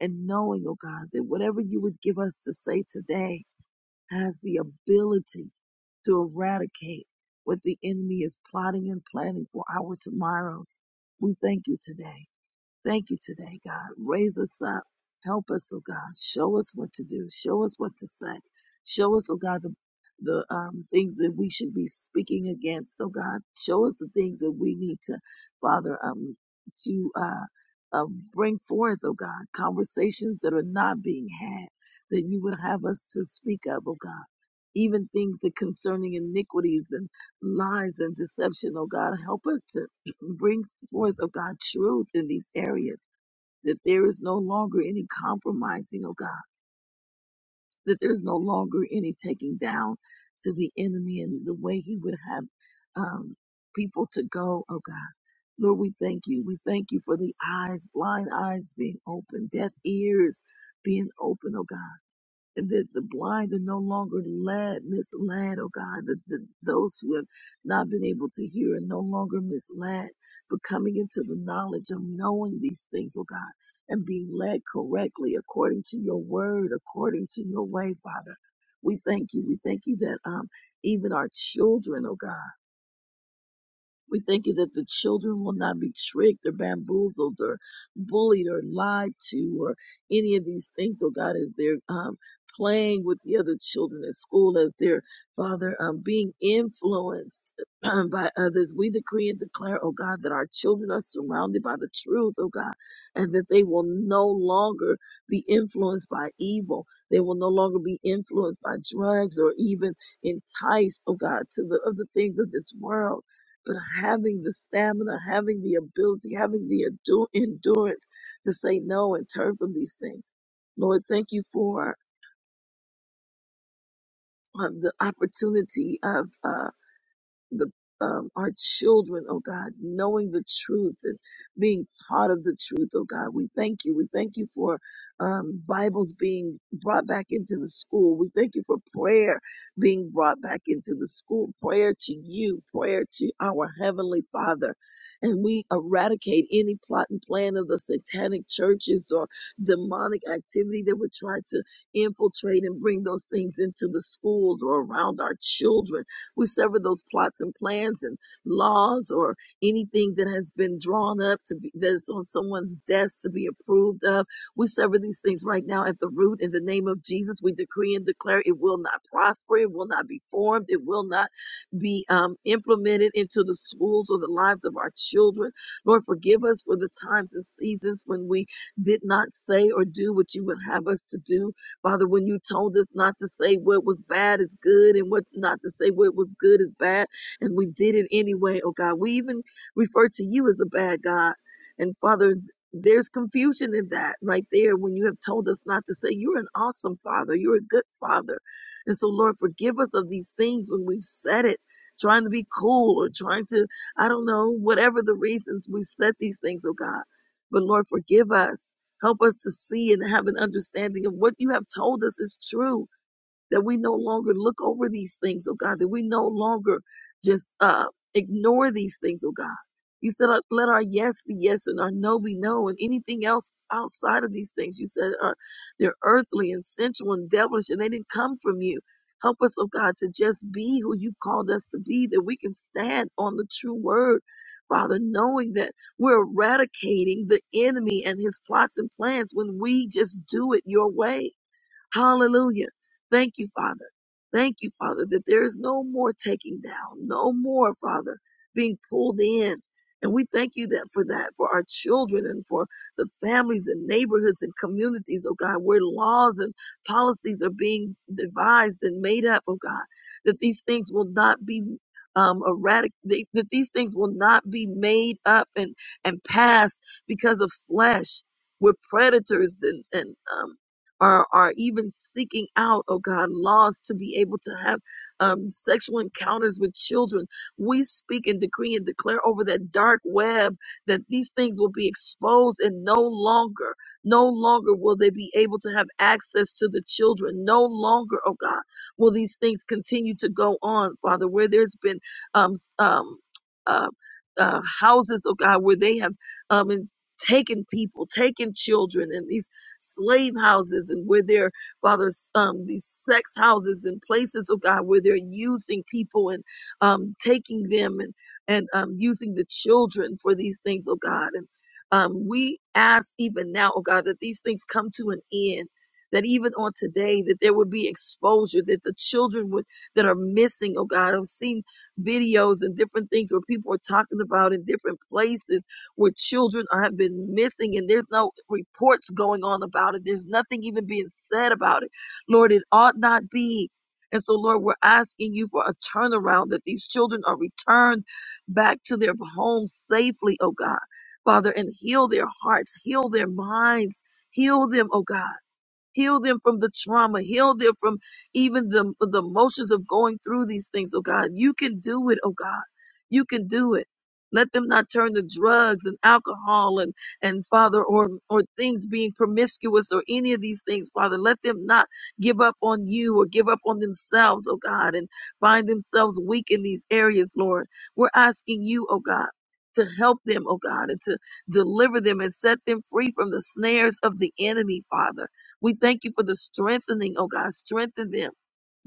and knowing, oh God, that whatever you would give us to say today has the ability to eradicate what the enemy is plotting and planning for our tomorrows. We thank you today. Thank you today, God. Raise us up. Help us, oh God. Show us what to do. Show us what to say. Show us, oh God, the the um, things that we should be speaking against, oh God. Show us the things that we need to, Father, um, to uh, uh, bring forth, oh God, conversations that are not being had, that you would have us to speak of, oh God. Even things that concerning iniquities and lies and deception, oh God, help us to bring forth, oh God, truth in these areas, that there is no longer any compromising, oh God, that there's no longer any taking down to the enemy and the way he would have um, people to go, oh God. Lord, we thank you. We thank you for the eyes, blind eyes being open, deaf ears being open, oh God and that the blind are no longer led, misled, oh God, that the, those who have not been able to hear are no longer misled, but coming into the knowledge of knowing these things, oh God, and being led correctly according to your word, according to your way, Father. We thank you. We thank you that um, even our children, oh God, we thank you that the children will not be tricked or bamboozled or bullied or lied to or any of these things. Oh God, as they're um, playing with the other children at school, as they're, Father, um, being influenced by others, we decree and declare, oh God, that our children are surrounded by the truth, oh God, and that they will no longer be influenced by evil. They will no longer be influenced by drugs or even enticed, oh God, to the other things of this world but having the stamina, having the ability, having the endu- endurance to say no and turn from these things. Lord, thank you for um, the opportunity of. uh, the um, our children, oh God, knowing the truth and being taught of the truth, oh God. We thank you. We thank you for um, Bibles being brought back into the school. We thank you for prayer being brought back into the school, prayer to you, prayer to our Heavenly Father. And we eradicate any plot and plan of the satanic churches or demonic activity that would try to infiltrate and bring those things into the schools or around our children. We sever those plots and plans and laws or anything that has been drawn up to be that's on someone's desk to be approved of. We sever these things right now at the root in the name of Jesus. We decree and declare it will not prosper, it will not be formed, it will not be um, implemented into the schools or the lives of our children. Lord, forgive us for the times and seasons when we did not say or do what you would have us to do. Father, when you told us not to say what was bad is good and what not to say what was good is bad, and we did it anyway, oh God. We even refer to you as a bad God. And Father, there's confusion in that right there when you have told us not to say you're an awesome father, you're a good father. And so, Lord, forgive us of these things when we've said it, trying to be cool or trying to, I don't know, whatever the reasons we said these things, oh God. But Lord, forgive us Help us to see and have an understanding of what you have told us is true that we no longer look over these things, oh God, that we no longer just uh, ignore these things, oh God. You said, uh, let our yes be yes and our no be no, and anything else outside of these things. You said are, they're earthly and sensual and devilish, and they didn't come from you. Help us, oh God, to just be who you called us to be, that we can stand on the true word, Father, knowing that we're eradicating the enemy and his plots and plans when we just do it your way. Hallelujah. Thank you, Father. Thank you, Father, that there is no more taking down, no more, Father, being pulled in. And we thank you that for that, for our children and for the families and neighborhoods and communities, oh God, where laws and policies are being devised and made up, oh God, that these things will not be um, erratic, they, that these things will not be made up and, and passed because of flesh. We're predators and, and um, are are even seeking out, oh God, laws to be able to have um, sexual encounters with children. We speak and decree and declare over that dark web that these things will be exposed and no longer, no longer will they be able to have access to the children. No longer, oh God, will these things continue to go on, Father, where there's been um, s- um, uh, uh, houses, oh God, where they have um, in- taken people, taken children, and these slave houses and where they're, Father, um, these sex houses and places, oh God, where they're using people and um, taking them and, and um, using the children for these things, oh God. And um, we ask even now, oh God, that these things come to an end. That even on today, that there would be exposure, that the children would that are missing, oh God. I've seen videos and different things where people are talking about in different places where children are, have been missing and there's no reports going on about it. There's nothing even being said about it. Lord, it ought not be. And so, Lord, we're asking you for a turnaround that these children are returned back to their homes safely, oh God. Father, and heal their hearts, heal their minds, heal them, oh God. Heal them from the trauma. Heal them from even the, the emotions of going through these things, oh God. You can do it, oh God. You can do it. Let them not turn to drugs and alcohol and, and Father, or, or things being promiscuous or any of these things, Father. Let them not give up on you or give up on themselves, oh God, and find themselves weak in these areas, Lord. We're asking you, oh God, to help them, oh God, and to deliver them and set them free from the snares of the enemy, Father. We thank you for the strengthening, oh God. Strengthen them.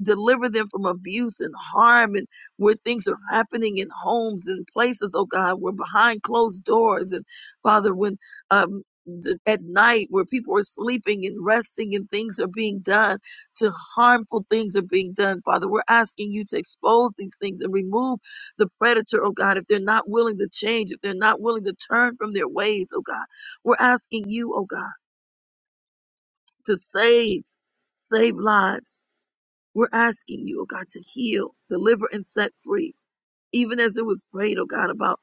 Deliver them from abuse and harm and where things are happening in homes and places, oh God, where behind closed doors and Father, when um th- at night where people are sleeping and resting and things are being done to harmful things are being done father we're asking you to expose these things and remove the predator oh god if they're not willing to change if they're not willing to turn from their ways oh god we're asking you oh god to save, save lives. We're asking you, oh God, to heal, deliver, and set free. Even as it was prayed, oh God, about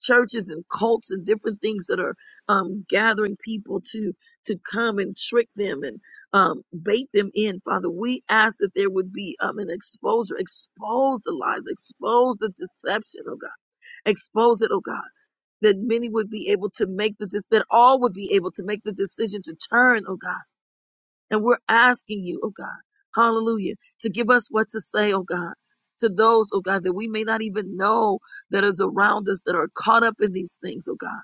churches and cults and different things that are um, gathering people to to come and trick them and um, bait them in, Father. We ask that there would be um, an exposure, expose the lies, expose the deception, oh God, expose it, oh God that many would be able to make the dis- that all would be able to make the decision to turn, oh God and we're asking you, oh God, hallelujah, to give us what to say, oh God, to those, oh God, that we may not even know that is around us that are caught up in these things, oh God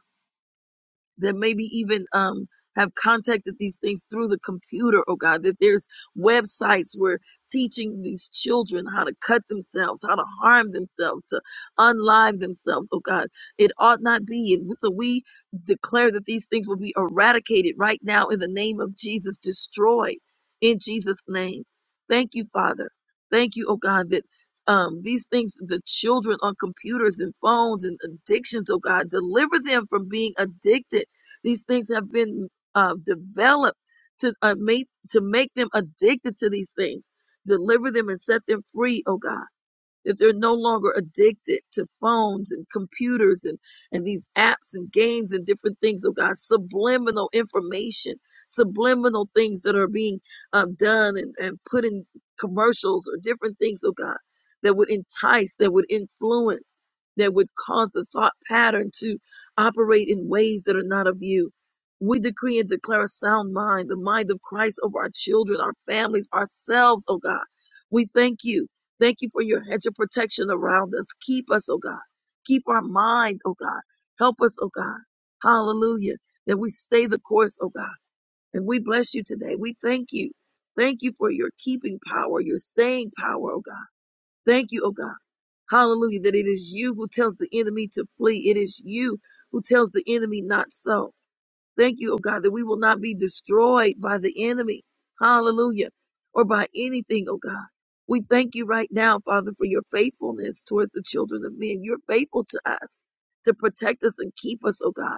that maybe even um have contacted these things through the computer, oh God, that there's websites where teaching these children how to cut themselves, how to harm themselves, to unlive themselves, oh God. It ought not be. And so we declare that these things will be eradicated right now in the name of Jesus, destroyed in Jesus' name. Thank you, Father. Thank you, oh God, that um, these things, the children on computers and phones and addictions, oh God, deliver them from being addicted these things have been uh, developed to uh, make to make them addicted to these things. Deliver them and set them free, oh God that they're no longer addicted to phones and computers and, and these apps and games and different things Oh God, subliminal information, subliminal things that are being um, done and, and put in commercials or different things Oh God that would entice, that would influence, that would cause the thought pattern to operate in ways that are not of you. We decree and declare a sound mind, the mind of Christ over our children, our families, ourselves, oh God. We thank you Thank you for your hedge of protection around us. Keep us, oh God. Keep our mind, oh God. Help us, oh God. Hallelujah. That we stay the course, oh God. And we bless you today. We thank you. Thank you for your keeping power, your staying power, oh God. Thank you, oh God. Hallelujah. That it is you who tells the enemy to flee. It is you who tells the enemy not so. Thank you, oh God, that we will not be destroyed by the enemy. Hallelujah. Or by anything, oh God. We thank you right now, Father, for your faithfulness towards the children of men. You're faithful to us to protect us and keep us, oh God.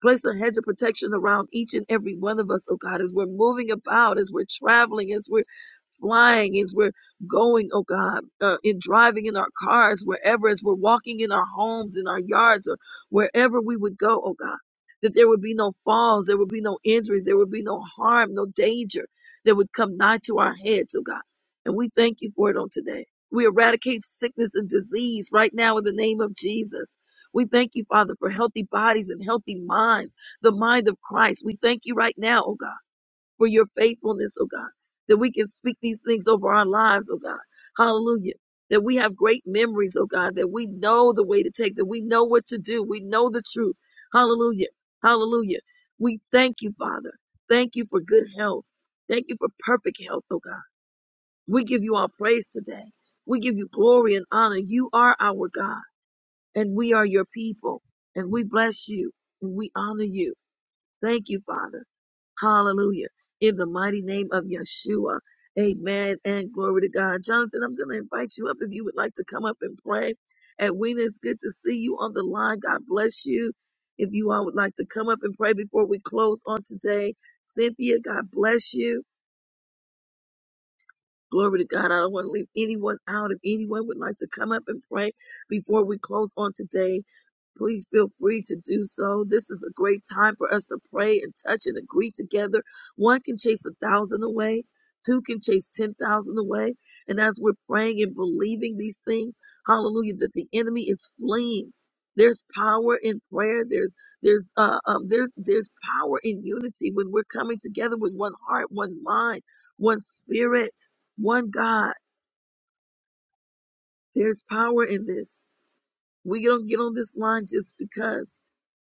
Place a hedge of protection around each and every one of us, oh God, as we're moving about, as we're traveling, as we're flying, as we're going, oh God, uh, in driving in our cars, wherever, as we're walking in our homes, in our yards, or wherever we would go, oh God, that there would be no falls, there would be no injuries, there would be no harm, no danger that would come nigh to our heads, oh God. And we thank you for it on today. We eradicate sickness and disease right now in the name of Jesus. We thank you, Father, for healthy bodies and healthy minds, the mind of Christ. We thank you right now, oh God, for your faithfulness, oh God, that we can speak these things over our lives, oh God. Hallelujah. That we have great memories, oh God, that we know the way to take, that we know what to do, we know the truth. Hallelujah. Hallelujah. We thank you, Father. Thank you for good health. Thank you for perfect health, oh God. We give you our praise today. We give you glory and honor. You are our God and we are your people, and we bless you, and we honor you. Thank you, Father. Hallelujah. In the mighty name of Yeshua. Amen and glory to God. Jonathan, I'm going to invite you up if you would like to come up and pray. Edwina, it's good to see you on the line. God bless you. If you all would like to come up and pray before we close on today, Cynthia, God bless you. Glory to God. I don't want to leave anyone out. If anyone would like to come up and pray before we close on today, Please feel free to do so. This is a great time for us to pray and touch and agree together. One can chase a thousand away, two can chase 10,000 away. And as we're praying and believing these things, hallelujah, that the enemy is fleeing. There's power in prayer. There's there's uh, um, there's there's power in unity when we're coming together with one heart, one mind, one spirit, one God. There's power in this. We don't get on this line just because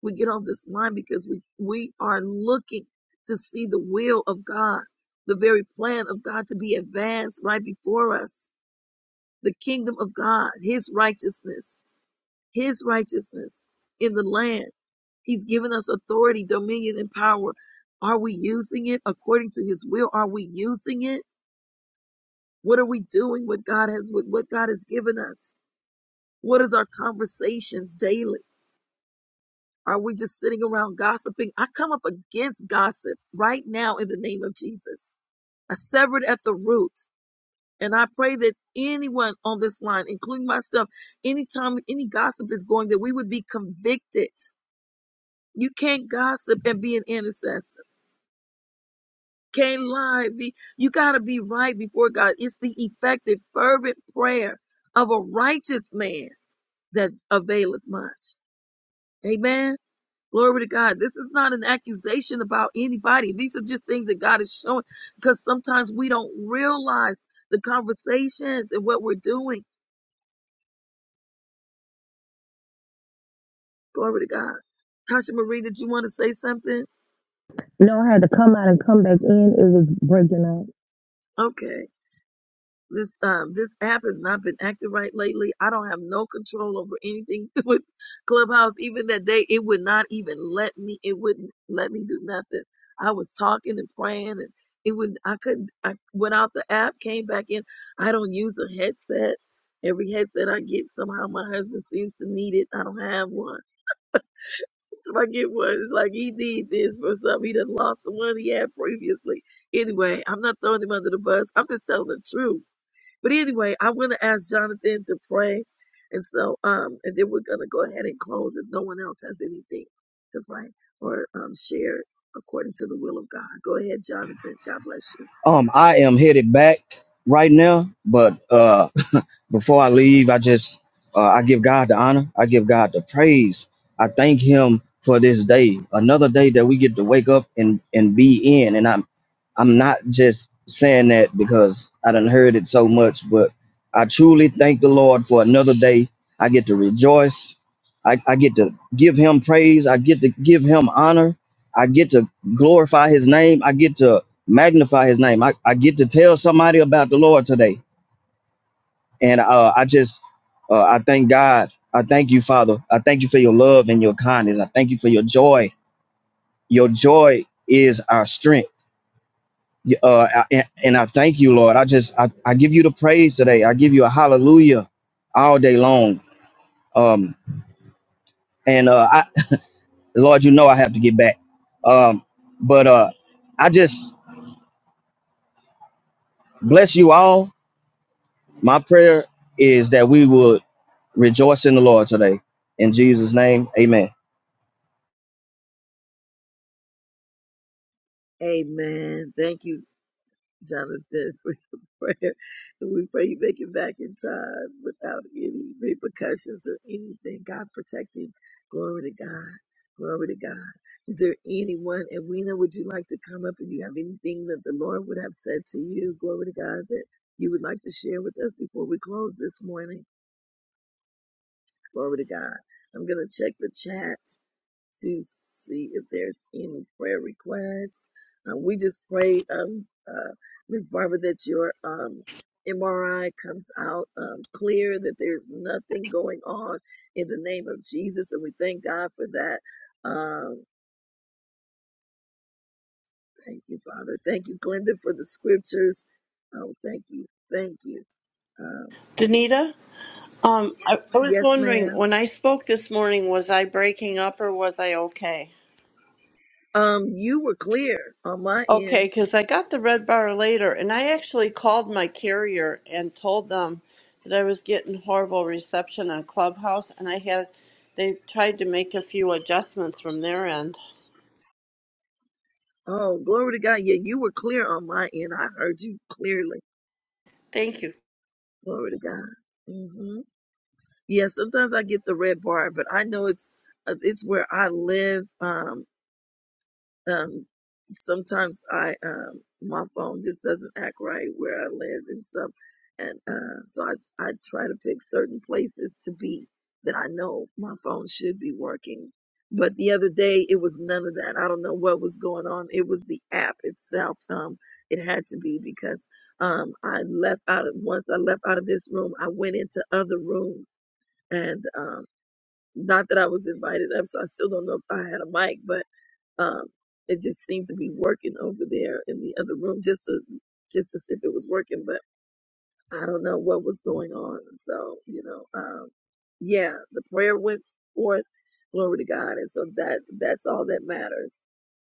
we get off this line because we, we are looking to see the will of God, the very plan of God to be advanced right before us, the kingdom of God, his righteousness, his righteousness in the land. He's given us authority, dominion, and power. Are we using it according to his will? Are we using it? What are we doing with God has with what God has given us? What is our conversations daily? Are we just sitting around gossiping? I come up against gossip right now in the name of Jesus. I sever it at the root. And I pray that anyone on this line, including myself, anytime any gossip is going, that we would be convicted. You can't gossip and be an intercessor. Can't lie. Be, you got to be right before God. It's the effective, fervent prayer of a righteous man that availeth much. Amen. Glory to God. This is not an accusation about anybody. These are just things that God is showing because sometimes we don't realize the conversations and what we're doing. Glory to God. Tasha Marie, did you want to say something?
No, I had to come out and come back in. It was breaking up.
Okay. This um this app has not been acting right lately. I don't have no control over anything with Clubhouse. Even that day, it would not even let me. It wouldn't let me do nothing. I was talking and praying, and it would. I couldn't. I went out the app, came back in. I don't use a headset. Every headset I get, somehow my husband seems to need it. I don't have one. If I get one, it's like he need this for something. He done lost the one he had previously. Anyway, I'm not throwing him under the bus. I'm just telling the truth but anyway, I'm going to ask Jonathan to pray. And so, um, and then we're going to go ahead and close if no one else has anything to pray or um, share according to the will of God. Go ahead, Jonathan. God bless you.
Um, I am headed back right now, but uh, before I leave, I just uh, I give God the honor. I give God the praise. I thank Him for this day, another day that we get to wake up and and be in. And I'm I'm not just saying that because I done heard it so much, but I truly thank the Lord for another day. I get to rejoice. I, I get to give Him praise. I get to give Him honor. I get to glorify His name. I get to magnify his name. I, I get to tell somebody about the Lord today. And uh, I just, uh, I thank God. I thank you, Father. I thank you for your love and your kindness. I thank you for your joy. Your joy is our strength. Y- Uh, I- and, and I thank you, Lord. I just, I, I give you the praise today. I give you a hallelujah all day long. Um, and uh, I, Lord, you know I have to get back. Um, but uh, I just bless you all. My prayer is that we would Rejoice in the Lord today. In Jesus' name, amen.
Amen. Thank you Jonathan, for your prayer. And we pray you make it back in time without any repercussions or anything. God protect him. Glory to God. Glory to God. Is there anyone, and Weena, would you like to come up and you have anything that the Lord would have said to you? Glory to God that you would like to share with us before we close this morning. Glory to God. I'm going to check the chat to see if there's any prayer requests. Um, we just pray, um, uh, Ms. Barbara, that your um, MRI comes out um, clear, that there's nothing going on in the name of Jesus. And we thank God for that. Um, thank you, Father. Thank you, Glenda, for the scriptures. Oh, thank you. Thank you. Um,
Danita, um, I, I was
yes,
wondering
ma'am.
when I spoke this morning, was I breaking up or was I okay?
Um, you were clear on my
Okay,
end.
because I got the red bar later, and I actually called my carrier and told them that I was getting horrible reception on Clubhouse, and I had they tried to make a few adjustments from their end.
Oh, glory to God. Yeah, you were clear on my end. I heard you clearly.
Thank you.
Glory to God. hmm Yeah, sometimes I get the red bar, but I know it's uh, it's where I live. Um, um, sometimes I um, my phone just doesn't act right where I live, and so and uh, so I I try to pick certain places to be that I know my phone should be working. But the other day, it was none of that. I don't know what was going on. It was the app itself. Um, it had to be because um, I left out of once I left out of this room, I went into other rooms, and um, not that I was invited up, so I still don't know if I had a mic, but um, it just seemed to be working over there in the other room, just to just as if it was working, but I don't know what was going on. So you know, um, yeah, the prayer went forth, glory to God, and so that that's all that matters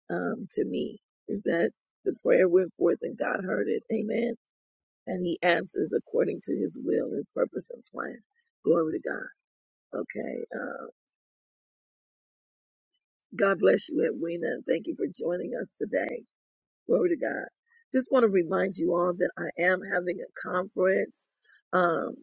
um, to me is that the prayer went forth and God heard it, Amen, and He answers according to His will, His purpose, and plan. Glory to God. Okay. Uh, God bless you, Edwina, and thank you for joining us today. Glory to God. Just want to remind you all that I am having a conference um,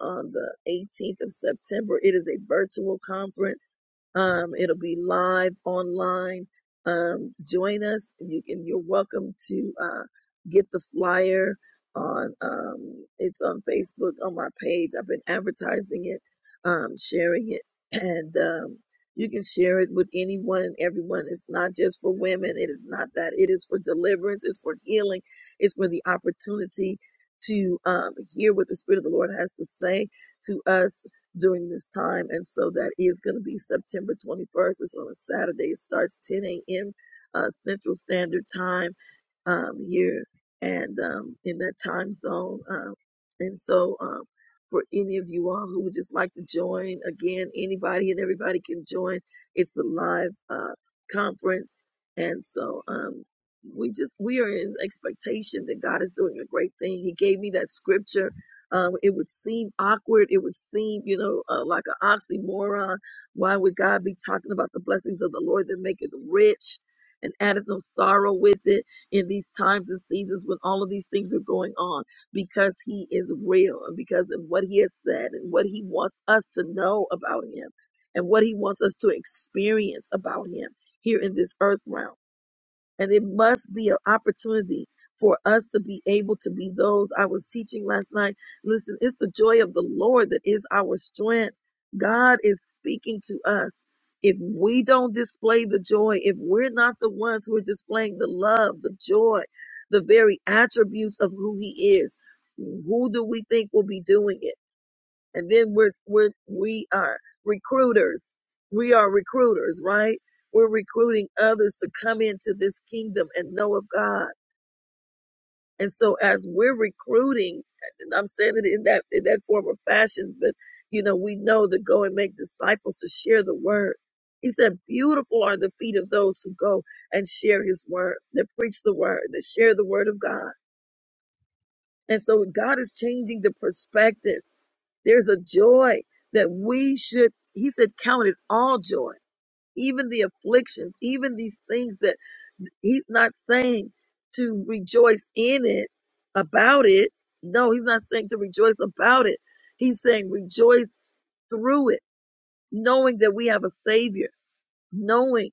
on the 18th of September. It is a virtual conference. Um, it'll be live online. Um, join us. You can. You're welcome to uh, get the flyer on. Um, it's on Facebook on my page. I've been advertising it, um, sharing it, and um, you can share it with anyone and everyone. It's not just for women. It is not that. It is for deliverance. It's for healing. It's for the opportunity to um, hear what the Spirit of the Lord has to say to us during this time. And so that is going to be September 21st. It's on a Saturday. It starts 10 a.m. Uh, Central Standard Time um, here and um, in that time zone. Um, and so. Um, for any of you all who would just like to join. Again, anybody and everybody can join. It's a live uh, conference, and so um, we just we are in expectation that God is doing a great thing. He gave me that scripture. Um, it would seem awkward. It would seem, you know, uh, like an oxymoron. Why would God be talking about the blessings of the Lord that maketh rich and addeth no sorrow with it in these times and seasons when all of these things are going on? because he is real and because of what he has said and what he wants us to know about him and what he wants us to experience about him here in this earth realm. And it must be an opportunity for us to be able to be those. I was teaching last night. Listen, it's the joy of the Lord that is our strength. God is speaking to us. If we don't display the joy, if we're not the ones who are displaying the love, the joy, the very attributes of who He is, who do we think will be doing it? and then we're, we're we are recruiters we are recruiters right we're recruiting others to come into this kingdom and know of god and so as we're recruiting and i'm saying it in that in that form or fashion but you know we know to go and make disciples to share the word he said beautiful are the feet of those who go and share his word that preach the word that share the word of god and so god is changing the perspective There's a joy that we should, he said, count it all joy, even the afflictions, even these things that he's not saying to rejoice in it, about it. No, he's not saying to rejoice about it. He's saying rejoice through it, knowing that we have a savior, knowing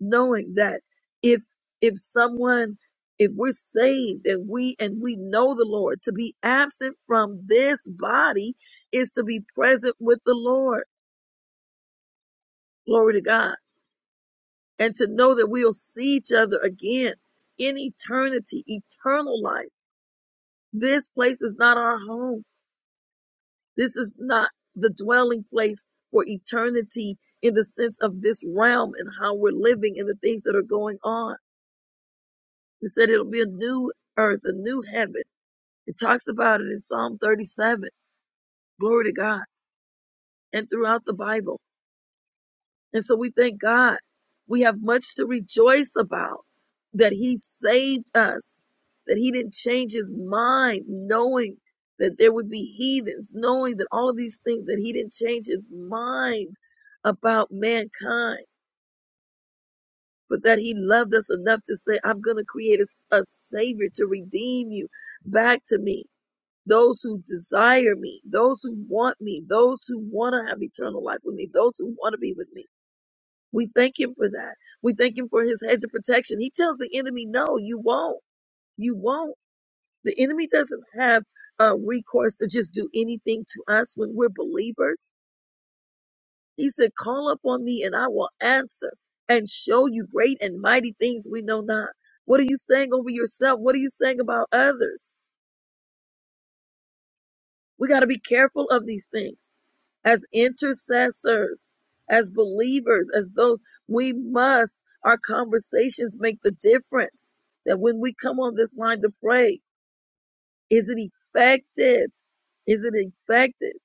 knowing that if if someone if we're saved and we and we know the lord to be absent from this body is to be present with the lord glory to god and to know that we'll see each other again in eternity eternal life this place is not our home this is not the dwelling place for eternity in the sense of this realm and how we're living and the things that are going on he said it'll be a new earth a new heaven It talks about it in Psalm 37. Glory to God. And throughout the Bible. And so we thank God. We have much to rejoice about that He saved us, that He didn't change His mind, knowing that there would be heathens, knowing that all of these things, that He didn't change His mind about mankind, but that He loved us enough to say, I'm going to create a a Savior to redeem you back to me. those who desire me, those who want me, those who want to have eternal life with me, those who want to be with me. We thank him for that. We thank him for his hedge of protection. He tells the enemy, no, you won't. You won't. The enemy doesn't have a recourse to just do anything to us when we're believers. He said, call upon me and I will answer and show you great and mighty things we know not. What are you saying over yourself? What are you saying about others? We got to be careful of these things. as intercessors, as believers, as those we must, our conversations make the difference. That when we come on this line to pray, is it effective? Is it effective?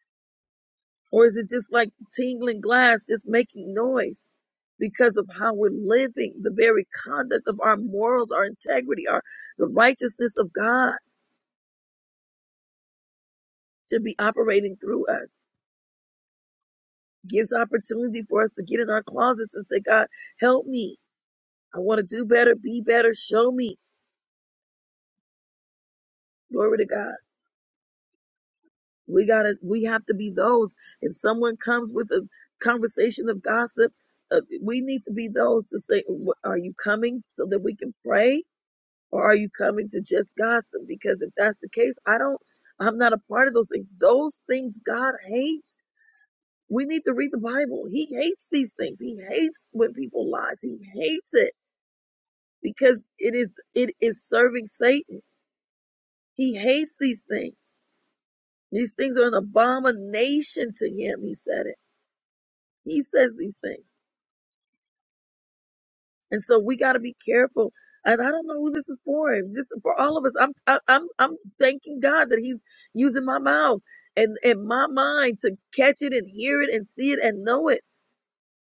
Or is it just like tingling glass, just making noise because of how we're living, the very conduct of our morals, our integrity, our the righteousness of God should be operating through us. Gives opportunity for us to get in our closets and say, God, help me. I want to do better, be better. Show me. Glory to God. We gotta, we have to be those. If someone comes with a conversation of gossip, uh, we need to be those to say, "Wh- are you coming so that we can pray or are you coming to just gossip? Because if that's the case, I don't, I'm not a part of those things. Those things God hates. We need to read the Bible. He hates these things. He hates when people lie. He hates it because it is, it is serving Satan. He hates these things. These things are an abomination to him. He said it. He says these things. And so we got to be careful. And I don't know who this is for. Just for all of us. I'm I- I'm I'm thanking God that he's using my mouth and and my mind to catch it and hear it and see it and know it.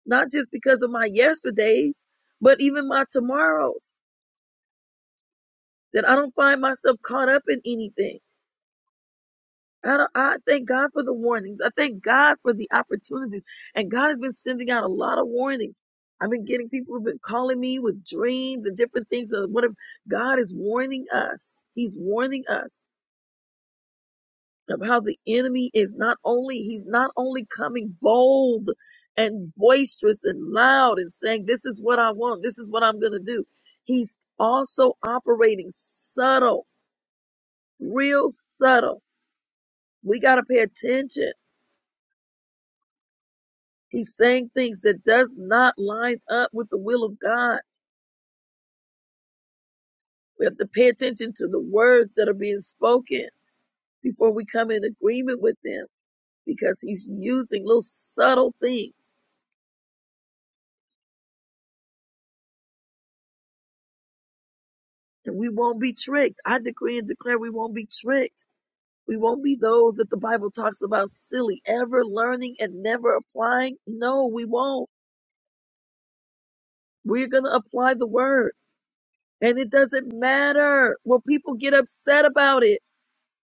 Not just because of my yesterdays, but even my tomorrows. That I don't find myself caught up in anything I, don't- I thank God for the warnings. I thank God for the opportunities. And God has been sending out a lot of warnings. I've been getting people who've been calling me with dreams and different things. Of what if God is warning us? He's warning us of how the enemy is not only, he's not only coming bold and boisterous and loud and saying, this is what I want. This is what I'm going to do. He's also operating subtle, real subtle. We got to pay attention He's saying things that does not line up with the will of God. We have to pay attention to the words that are being spoken before we come in agreement with them because he's using little subtle things and we won't be tricked. I decree and declare we won't be tricked. We won't be those that the Bible talks about silly, ever learning and never applying. No, we won't. We're going to apply the word. And it doesn't matter. Well, people get upset about it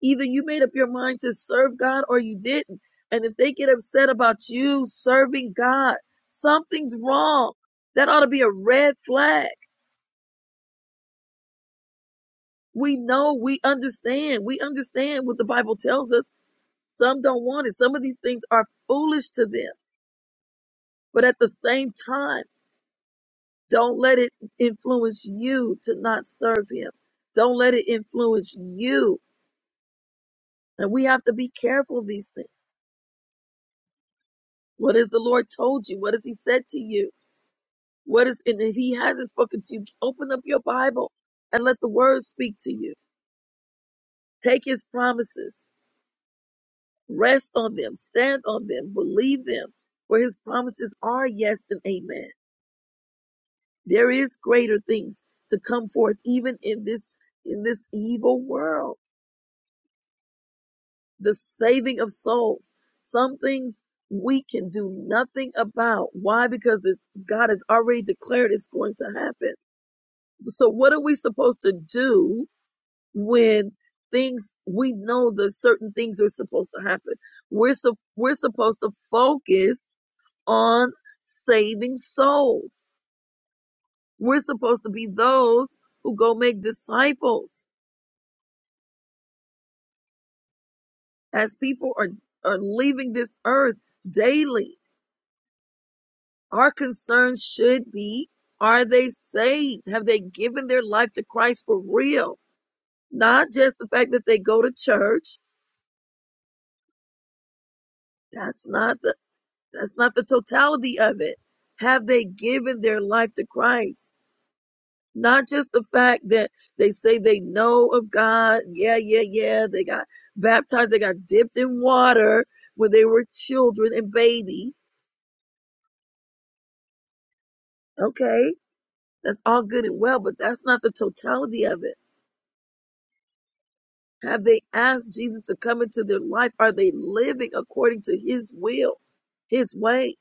Either you made up your mind to serve God or you didn't. And if they get upset about you serving God, something's wrong. That ought to be a red flag. We know, we understand. We understand what the Bible tells us. Some don't want it. Some of these things are foolish to them. But at the same time, don't let it influence you to not serve Him. Don't let it influence you. And we have to be careful of these things. What has the Lord told you? What has He said to you? What is, and if he hasn't spoken to you, open up your Bible and let the word speak to you. Take his promises, rest on them, stand on them, believe them, for his promises are yes and amen. There is greater things to come forth, even in this, in this evil world, the saving of souls. Some things we can do nothing about. Why? Because this God has already declared it's going to happen. So what are we supposed to do when things we know that certain things are supposed to happen. We're so we're supposed to focus on saving souls. We're supposed to be those who go make disciples as people are are leaving this earth daily. Our concern should be are they saved? Have they given their life to Christ for real? Not just the fact that they go to church. That's not the That's not the totality of it. Have they given their life to Christ? Not just the fact that they say they know of God. Yeah, yeah, yeah. They got baptized. They got dipped in water when they were children and babies. Okay. That's all good and well, but that's not the totality of it. Have they asked Jesus to come into their life? Are they living according to his will, his way?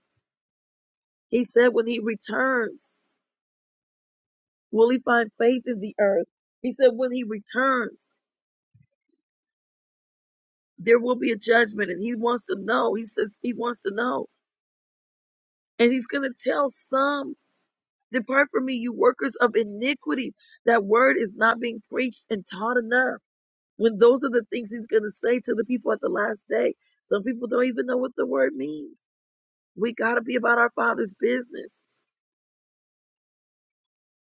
He said when he returns, Will he find faith in the earth? He said, when he returns, there will be a judgment. And he wants to know. He says he wants to know. And he's going to tell some, depart from me, you workers of iniquity. That word is not being preached and taught enough. When those are the things he's going to say to the people at the last day. Some people don't even know what the word means. We got to be about our father's business.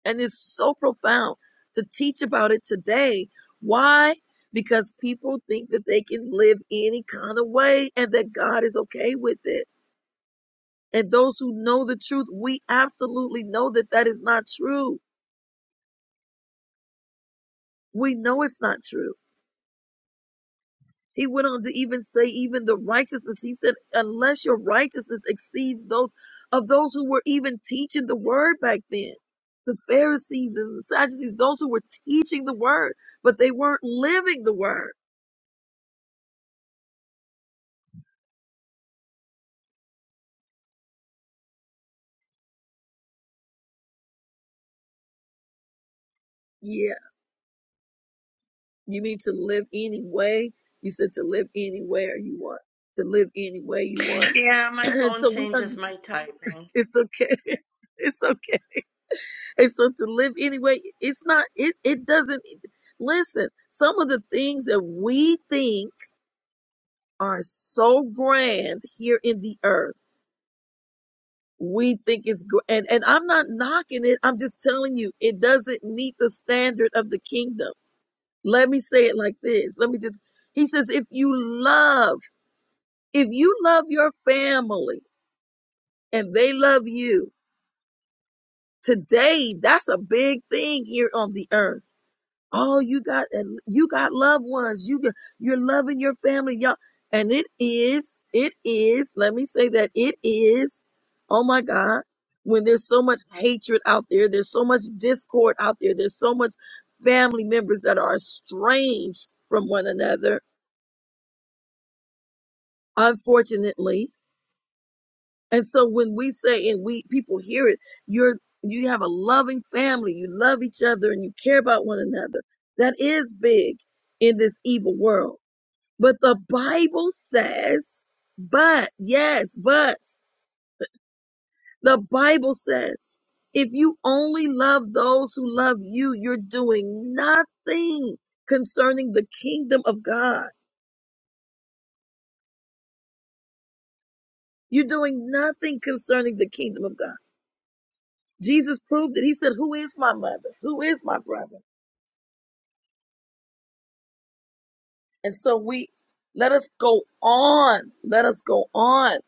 And it's so profound to teach about it today. Why? Because people think that they can live any kind of way and that God is okay with it. And those who know the truth, we absolutely know that that is not true. We know it's not true. He went on to even say, even the righteousness. He said, unless your righteousness exceeds those of those who were even teaching the word back then, the Pharisees and the Sadducees, those who were teaching the word, but they weren't living the word Yeah. You mean to live any way? You said to live anywhere you want. To live any way you want.
Yeah, my
And
phone
so we
changes my
understand
typing.
it's okay. It's okay. And so to live anyway, it's not it it doesn't listen, some of the things that we think are so grand here in the earth. We think it's gr- and and I'm not knocking it. I'm just telling you it doesn't meet the standard of the kingdom. Let me say it like this. Let me just he says, if you love If you love your family and they love you, today that's a big thing here on the earth. Oh, you got and you got loved ones. You got, you're loving your family, y'all. And it is, it is, let me say that it is, oh my God, when there's so much hatred out there, there's so much discord out there, there's so much family members that are estranged from one another, unfortunately And so when we say and we people hear it, you're you have a loving family, you love each other and you care about one another. That is big in this evil world. But the Bible says, but yes, but the Bible says, if you only love those who love you, you're doing nothing concerning the kingdom of God. You're doing nothing concerning the kingdom of God. Jesus proved it. He said, Who is my mother? Who is my brother? And so we let us go on. Let us go on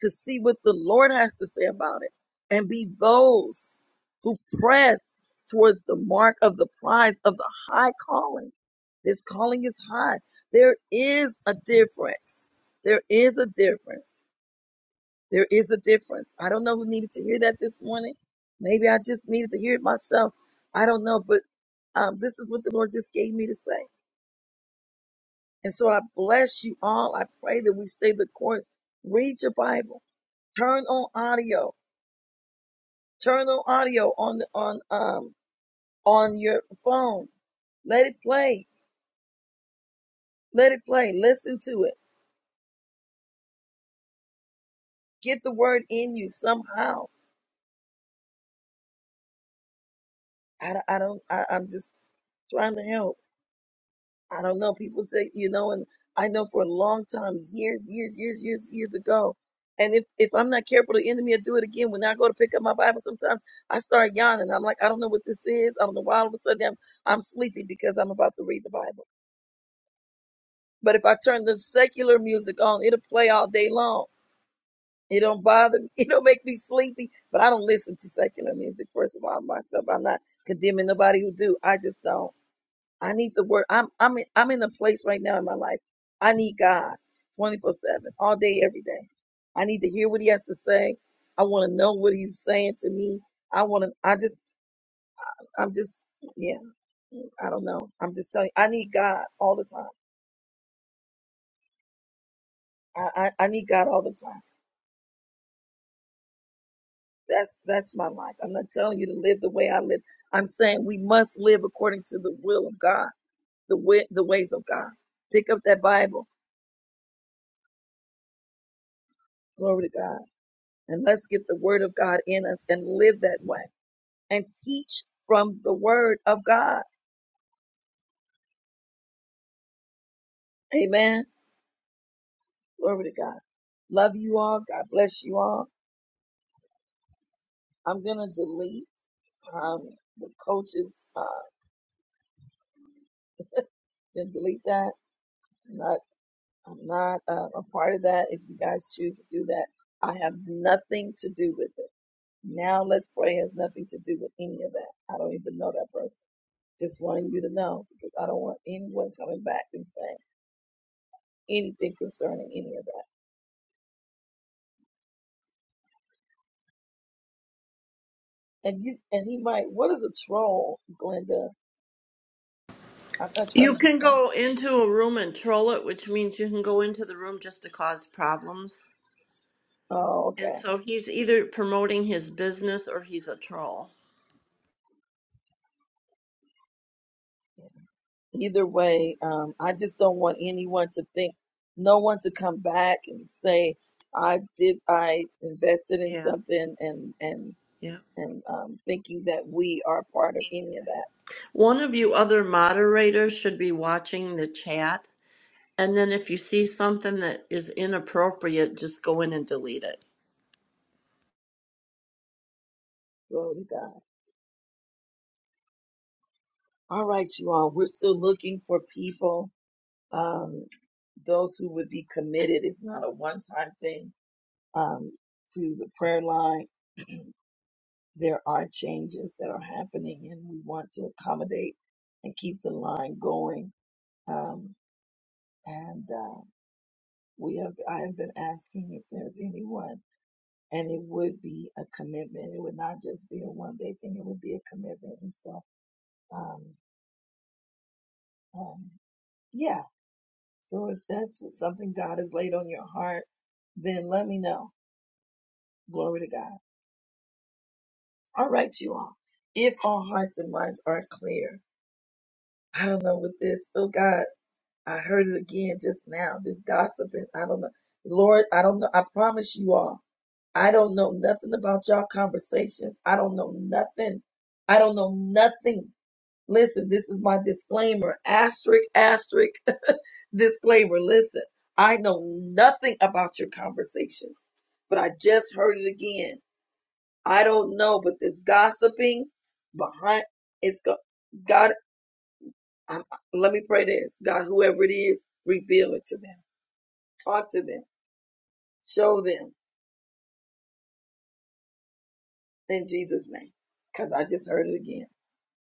to see what the Lord has to say about it and be those who press towards the mark of the prize of the high calling. This calling is high. There is a difference. There is a difference. There is a difference. I don't know who needed to hear that this morning. Maybe I just needed to hear it myself. I don't know, but um, this is what the Lord just gave me to say. And so I bless you all. I pray that we stay the course. Read your Bible. Turn on audio. Turn on audio on on um on your phone. Let it play. Let it play. Listen to it. Get the word in you somehow. I, I don't. I, I'm just trying to help. I don't know. People say, you know, and I know for a long time, years, years, years, years, years ago. And if, if I'm not careful, the enemy will do it again. When I go to pick up my Bible, sometimes I start yawning. I'm like, I don't know what this is. I don't know why all of a sudden I'm, I'm sleepy because I'm about to read the Bible. But if I turn the secular music on, it'll play all day long. It don't bother me. It don't make me sleepy. But I don't listen to secular music, first of all, myself. I'm not condemning nobody who do. I just don't. I need the word. I'm I'm in, I'm in a place right now in my life. I need God 24/7, all day every day. I need to hear what he has to say. I want to know what he's saying to me. I want to I just I'm just yeah, I don't know. I'm just telling you, I need God all the time. I, I I need God all the time. That's that's my life. I'm not telling you to live the way I live. I'm saying we must live according to the will of God, the way, the ways of God. Pick up that Bible. Glory to God And let's get the word of God in us and live that way and teach from the word of God. Amen. Glory to God. Love you all. God bless you all. I'm going to delete um, the coaches. Uh, going to delete that. I'm not, I'm not uh, a part of that. If you guys choose to do that, I have nothing to do with it. Now let's pray has nothing to do with any of that. I don't even know that person. Just wanting you to know because I don't want anyone coming back and saying anything concerning any of that. And you and he might. What is a troll, Glenda? I'm not trying
You
to be
can
funny.
go into a room and troll it, which means you can go into the room just to cause problems.
Oh,
And
okay.
so he's either promoting his business or he's a troll.
Either way, um, I just don't want anyone to think, no one to come back and say, I did, I invested in
Yeah,
something, and and
yeah.
and um, thinking that we are part of any of that.
One of
Yeah.
you other moderators should be watching the chat. And then if you see something that is inappropriate, just go in and delete it.
Glory to God. All right, you all. We're still looking for people, um, those who would be committed. It's not a one time thing. um, to the prayer line. there are changes that are happening, and we want to accommodate and keep the line going. Um, and uh, we have, I have been asking if there's anyone, and it would be a commitment. It would not just be a one day thing; it would be a commitment. And so, um, um, yeah. So if that's what something God has laid on your heart, then let me know. Glory to God. All right, you all. If our hearts and minds are clear, I don't know with this. Oh God, I heard it again just now. This gossiping. I don't know. Lord, I don't know. I promise you all, I don't know nothing about y'all conversations. I don't know nothing. I don't know nothing. Listen, this is my disclaimer. Asterisk, asterisk, disclaimer. Listen, I know nothing about your conversations, but I just heard it again. I don't know, but this gossiping behind it's go- God. I'm, let me pray this. God, whoever it is, reveal it to them. Talk to them. Show them in Jesus' name. Because I just heard it again.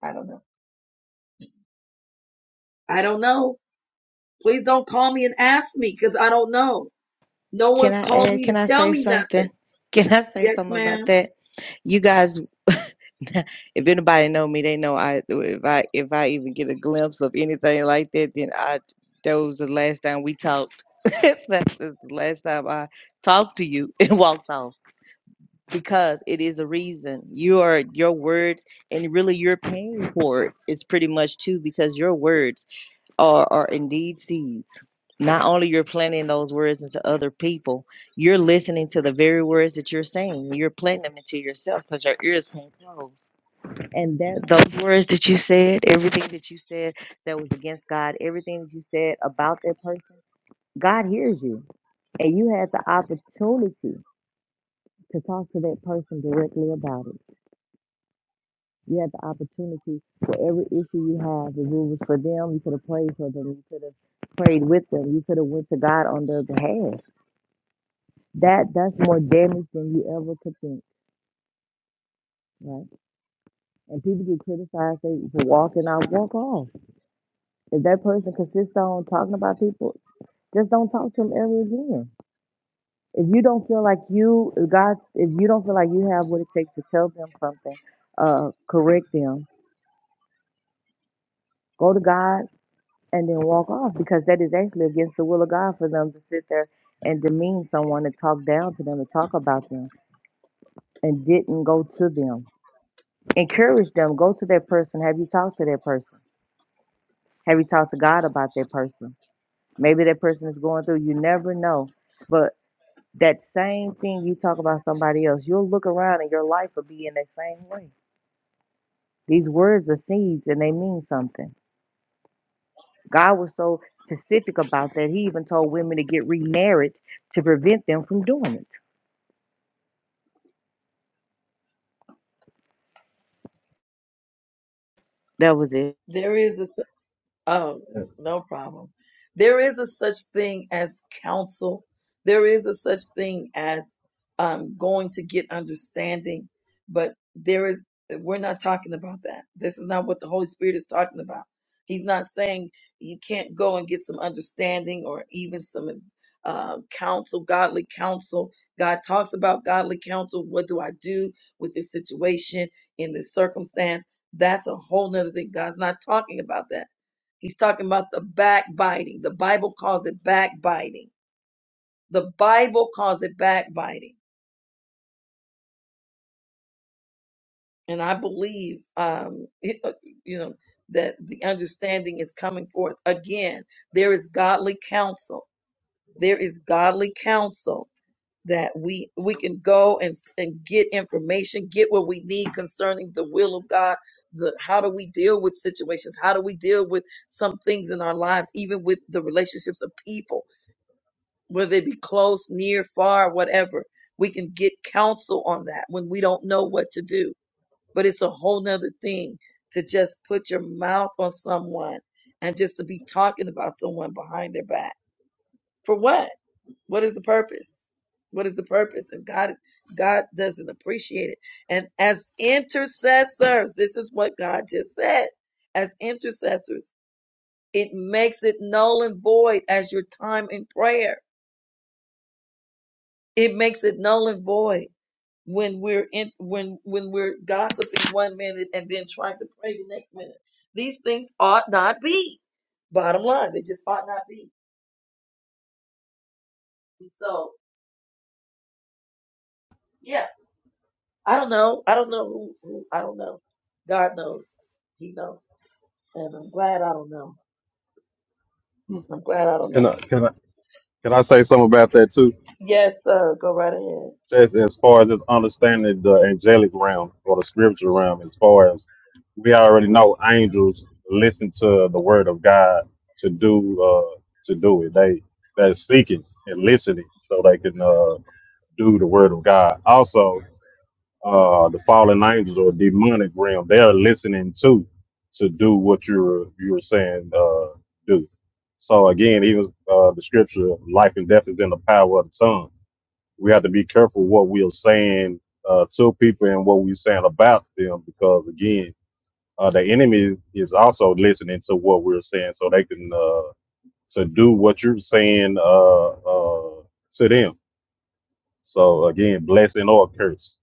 I don't know. I don't know. Please don't call me and ask me because I don't know. No
Can
one's
I
called
add,
me to
can I
tell
say
me nothing.
something? Can I say
Yes,
something about
ma'am.
that? You guys, if anybody know me, they know I if I if I even get a glimpse of anything like that, then I that was the last time we talked. That's the last time I talked to you and walked off because it is a reason. You are your words and really you're paying for it. It's pretty much too because your words are are indeed seeds. Not only you're planting those words into other people, you're listening to the very words that you're saying. You're planting them into yourself because your ears can't close. And that those words that you said, everything that you said that was against God, everything that you said about that person, God hears you. And you had the opportunity to talk to that person directly about it. You had the opportunity for every issue you have, if it was for them, you could have prayed for them, you could have prayed with them, you could have went to God on their behalf that that's more damage than you ever could think, right? And people get criticized they for walking out, walk off. If that person consists on talking about people, just don't talk to them ever again. If you don't feel like you God, if you don't feel like you have what it takes to tell them something, uh, correct them, go to God and then walk off because that is actually against the will of God for them to sit there and demean someone and talk down to them and talk about them and didn't go to them encourage them go to that person have you talked to that person Have you talked to God about that person? Maybe that person is going through, you never know. But that same thing you talk about somebody else, you'll look around and your life will be in that same way. These words are seeds and they mean something. God was so specific about that, He even told women to get remarried to prevent them from doing it. That was it.
There is a Oh, no problem. There is a such thing as counsel. There is a such thing as um, going to get understanding, but there is, we're not talking about that. This is not what the Holy Spirit is talking about. He's not saying you can't go and get some understanding or even some uh, counsel, godly counsel. God talks about godly counsel. What do I do with this situation in this circumstance? That's a whole nother thing. God's not talking about that. He's talking about the backbiting. The Bible calls it backbiting. The Bible calls it backbiting. And I believe, um, it- uh, you know, that the understanding is coming forth. Again, there is godly counsel. There is godly counsel that we we can go and and get information, get what we need concerning the will of God. The how do we deal with situations? How do we deal with some things in our lives, even with the relationships of people? whether it be close, near, far, whatever. We can get counsel on that when we don't know what to do. But it's a whole nother thing to just put your mouth on someone and just to be talking about someone behind their back. For what? What is the purpose? What is the purpose? And God God doesn't appreciate it. And as intercessors, this is what God just said. As intercessors, it makes it null and void as your time in prayer. It makes it null and void when we're in when when we're gossiping one minute and then trying to pray the next minute. These things ought not be. Bottom line, they just ought not be. And so, yeah, I don't know. I don't know who. who I don't know. God knows. He knows. And I'm glad I don't know. I'm glad I don't know.
Can I, can I, can I say something about that too?
Yes, sir. Go right ahead.
Just as far as just understanding the angelic realm or the spiritual realm, as far as we already know, angels listen to the word of God to do uh, to do it. They they're seeking and listening so they can uh, do the word of God. Also, uh, the fallen angels or demonic realm, they are listening to to do what you are you are saying uh, do. So again, even uh, the scripture, life and death is in the power of the tongue. We have to be careful what we are saying uh, to people and what we're saying about them, because again, uh, the enemy is also listening to what we're saying, so they can uh, to do what you're saying uh, uh, to them. So again, blessing or curse.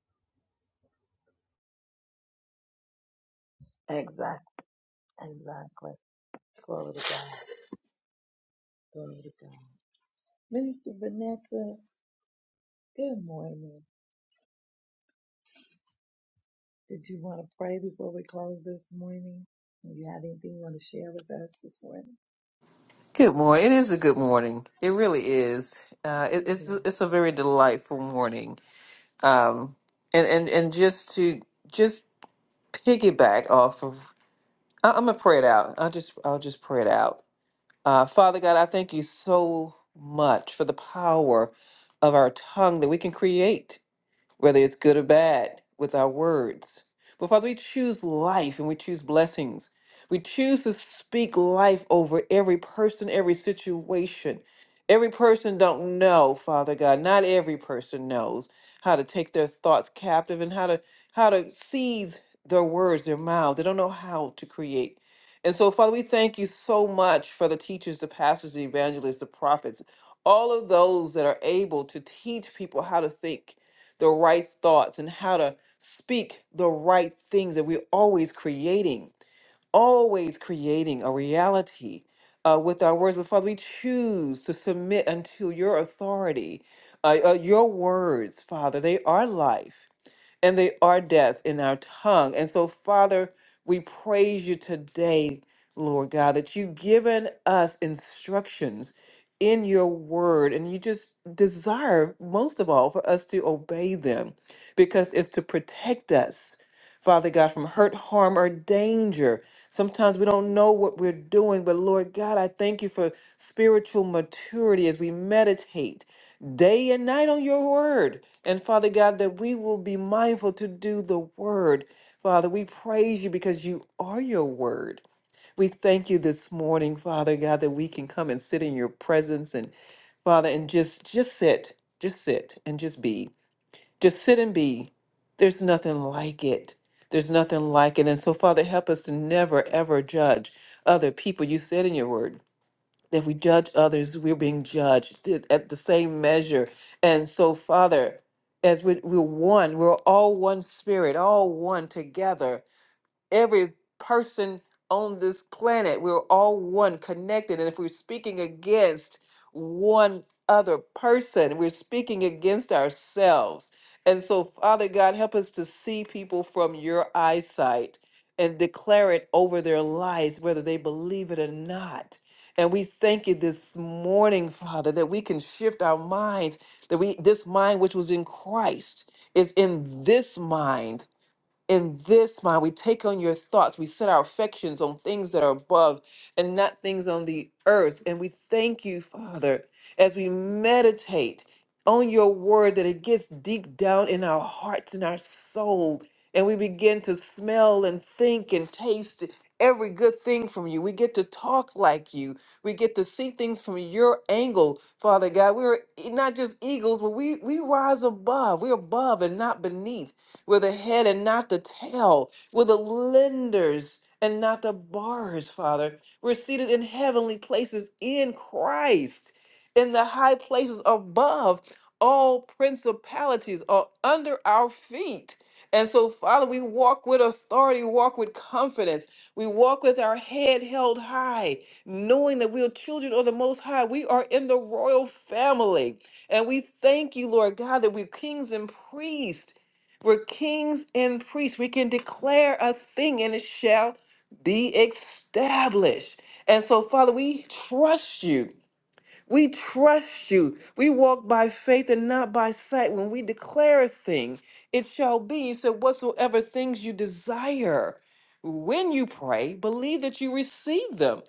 Exactly. Exactly. Glory to God. Glory to God. Minister Vanessa. Good morning. Did you want to pray before we close this morning? Do you have anything you want to share with us this morning?
Good morning. It is a good morning. It really is. Uh, it, it's
Amen.
it's a very delightful morning. Um, and and and just to just piggyback off of, I, I'm gonna pray it out. I'll just I'll just pray it out. Uh, Father God, I thank you so much for the power of our tongue that we can create whether it's good or bad, with our words. But Father, we choose life and we choose blessings. We choose to speak life over every person, every situation. Every person don't know, Father God. Not every person knows how to take their thoughts captive and how to how to seize their words, their mouths. They don't know how to create. And so, Father, we thank you so much for the teachers, the pastors, the evangelists, the prophets, all of those that are able to teach people how to think the right thoughts and how to speak the right things that we're always creating, always creating a reality uh, with our words. But Father, we choose to submit unto your authority. Uh, uh, your words, Father, they are life and they are death in our tongue. And so, Father, we praise you today, Lord God, that you've given us instructions in your word, and you just desire, most of all, for us to obey them because it's to protect us. Father God, from hurt, harm, or danger. Sometimes we don't know what we're doing, but Lord God, I thank you for spiritual maturity as we meditate day and night on your word and Father God, that we will be mindful to do the word. Father, we praise you because you are your word. We thank you this morning, Father God, that we can come and sit in your presence and Father and just just sit, just sit and just be. Just sit and be. There's nothing like it. There's nothing like it. And so Father, help us to never ever judge other people. You said in your word, if we judge others, we're being judged th- at the same measure. And so, Father, as we, we're one, we're all one spirit, all one together every person on this planet. We're all one, connected. And if we're speaking against one other person, we're speaking against ourselves. And so, Father God, help us to see people from your eyesight and declare it over their lives, whether they believe it or not. And we thank you this morning, Father, that we can shift our minds, that we this mind which was in Christ is in this mind in this mind we take on your thoughts we set our affections on things that are above and not things on the earth and we thank you father as we meditate on your word that it gets deep down in our hearts and our soul and we begin to smell and think and taste every good thing from you we get to talk like you we get to see things from your angle father god we're not just eagles but we we rise above we're above and not beneath we're the head and not the tail. We're the lenders and not the borrowers, Father. We're seated in heavenly places in Christ, in the high places above. All principalities are under our feet. And so, Father, we walk with authority, we walk with confidence. We walk with our head held high, knowing that we are children of the Most High. We are in the royal family. And we thank you, Lord God, that we're kings and priests we're kings and priests. We can declare a thing and it shall be established. And so, Father, we trust you. We trust you. We walk by faith and not by sight. When we declare a thing, it shall be. You said, whatsoever things you desire, when you pray, believe that you receive them.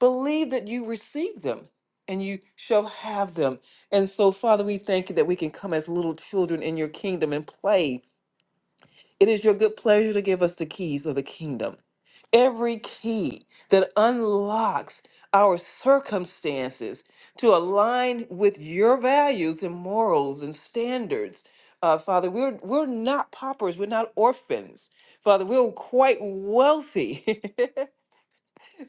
Believe that you receive them and you shall have them. And so, Father, we thank you that we can come as little children in your kingdom and play it is your good pleasure to give us the keys of the kingdom every key that unlocks our circumstances to align with your values and morals and standards. Uh, Father, we're, we're not paupers, we're not orphans. Father, we're quite wealthy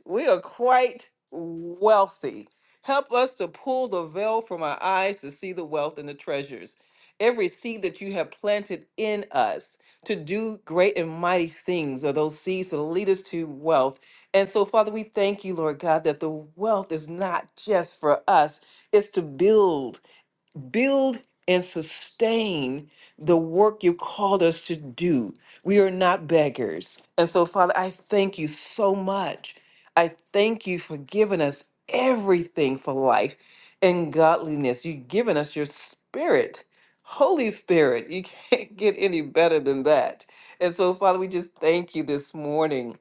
we are quite wealthy. Help us to pull the veil from our eyes to see the wealth and the treasures. Every seed that you have planted in us to do great and mighty things are those seeds that lead us to wealth. And so, Father, we thank you, Lord God, that the wealth is not just for us, it's to build build and sustain the work you called us to do. We are not beggars. And so, Father, I thank you so much. I thank you for giving us everything for life and godliness. You've given us your spirit, Holy Spirit. You can't get any better than that. And so, Father, we just thank you this morning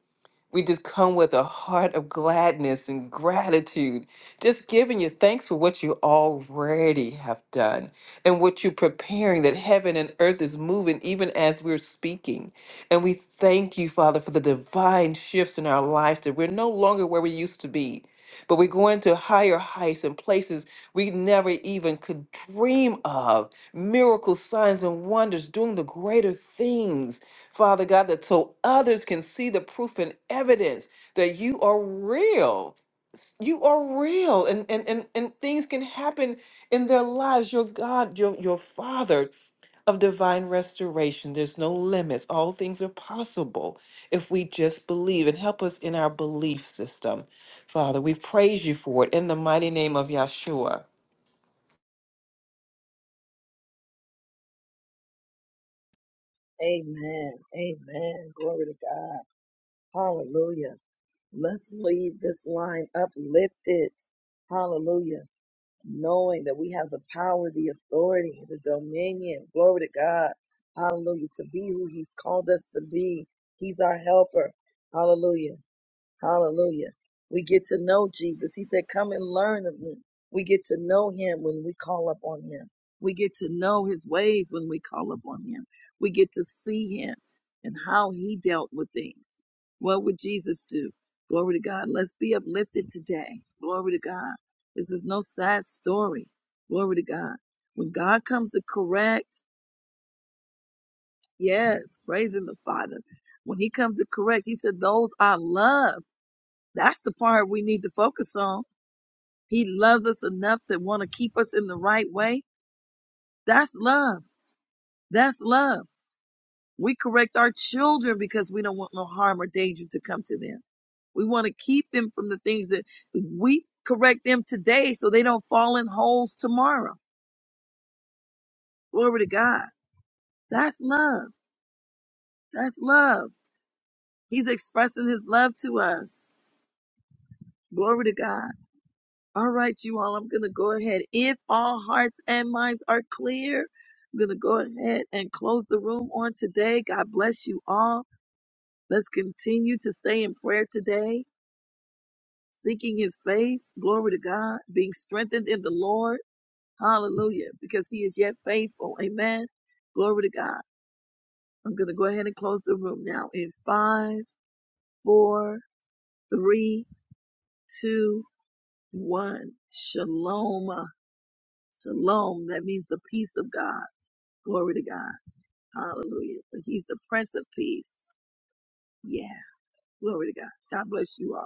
we just come with a heart of gladness and gratitude, just giving you thanks for what you already have done and what you're preparing, that heaven and earth is moving even as we're speaking. And we thank you, Father, for the divine shifts in our lives that we're no longer where we used to be, but we're going to higher heights and places we never even could dream of. Miracles, signs, and wonders, doing the greater things Father God, that so others can see the proof and evidence that you are real. S- You are real and, and, and, and things can happen in their lives. Your God, your your Father of divine restoration. There's no limits. All things are possible if we just believe and help us in our belief system. Father, we praise you for it in the mighty name of Yahshua.
Amen. Glory to God. Hallelujah. Let's leave this line uplifted. Hallelujah. Knowing that we have the power, the authority, the dominion. Glory to God. Hallelujah. To be who He's called us to be. He's our helper. Hallelujah. Hallelujah. We get to know Jesus. He said, Come and learn of me. We get to know him when we call upon him. We get to know his ways when we call upon him. We get to see him and how he dealt with things. What would Jesus do? Glory to God. Let's be uplifted today. Glory to God. This is no sad story. Glory to God. When God comes to correct, yes, praising the Father. When he comes to correct, he said, Those I love. That's the part we need to focus on. He loves us enough to want to keep us in the right way. That's love. That's love. We correct our children because we don't want no harm or danger to come to them. We want to keep them from the things that we correct them today so they don't fall in holes tomorrow. Glory to God. That's love. That's love. He's expressing his love to us. Glory to God. All right, you all, I'm going to go ahead. If all hearts and minds are clear, I'm going to go ahead and close the room on today. God bless you all. Let's continue to stay in prayer today, seeking his face. Glory to God, being strengthened in the Lord. Hallelujah, because he is yet faithful. Amen. Glory to God. I'm going to go ahead and close the room now in five, four, three, two, one. Shalom. Shalom. That means the peace of God Glory to God. Hallelujah. But he's the Prince of Peace. Yeah. Glory to God. God bless you all.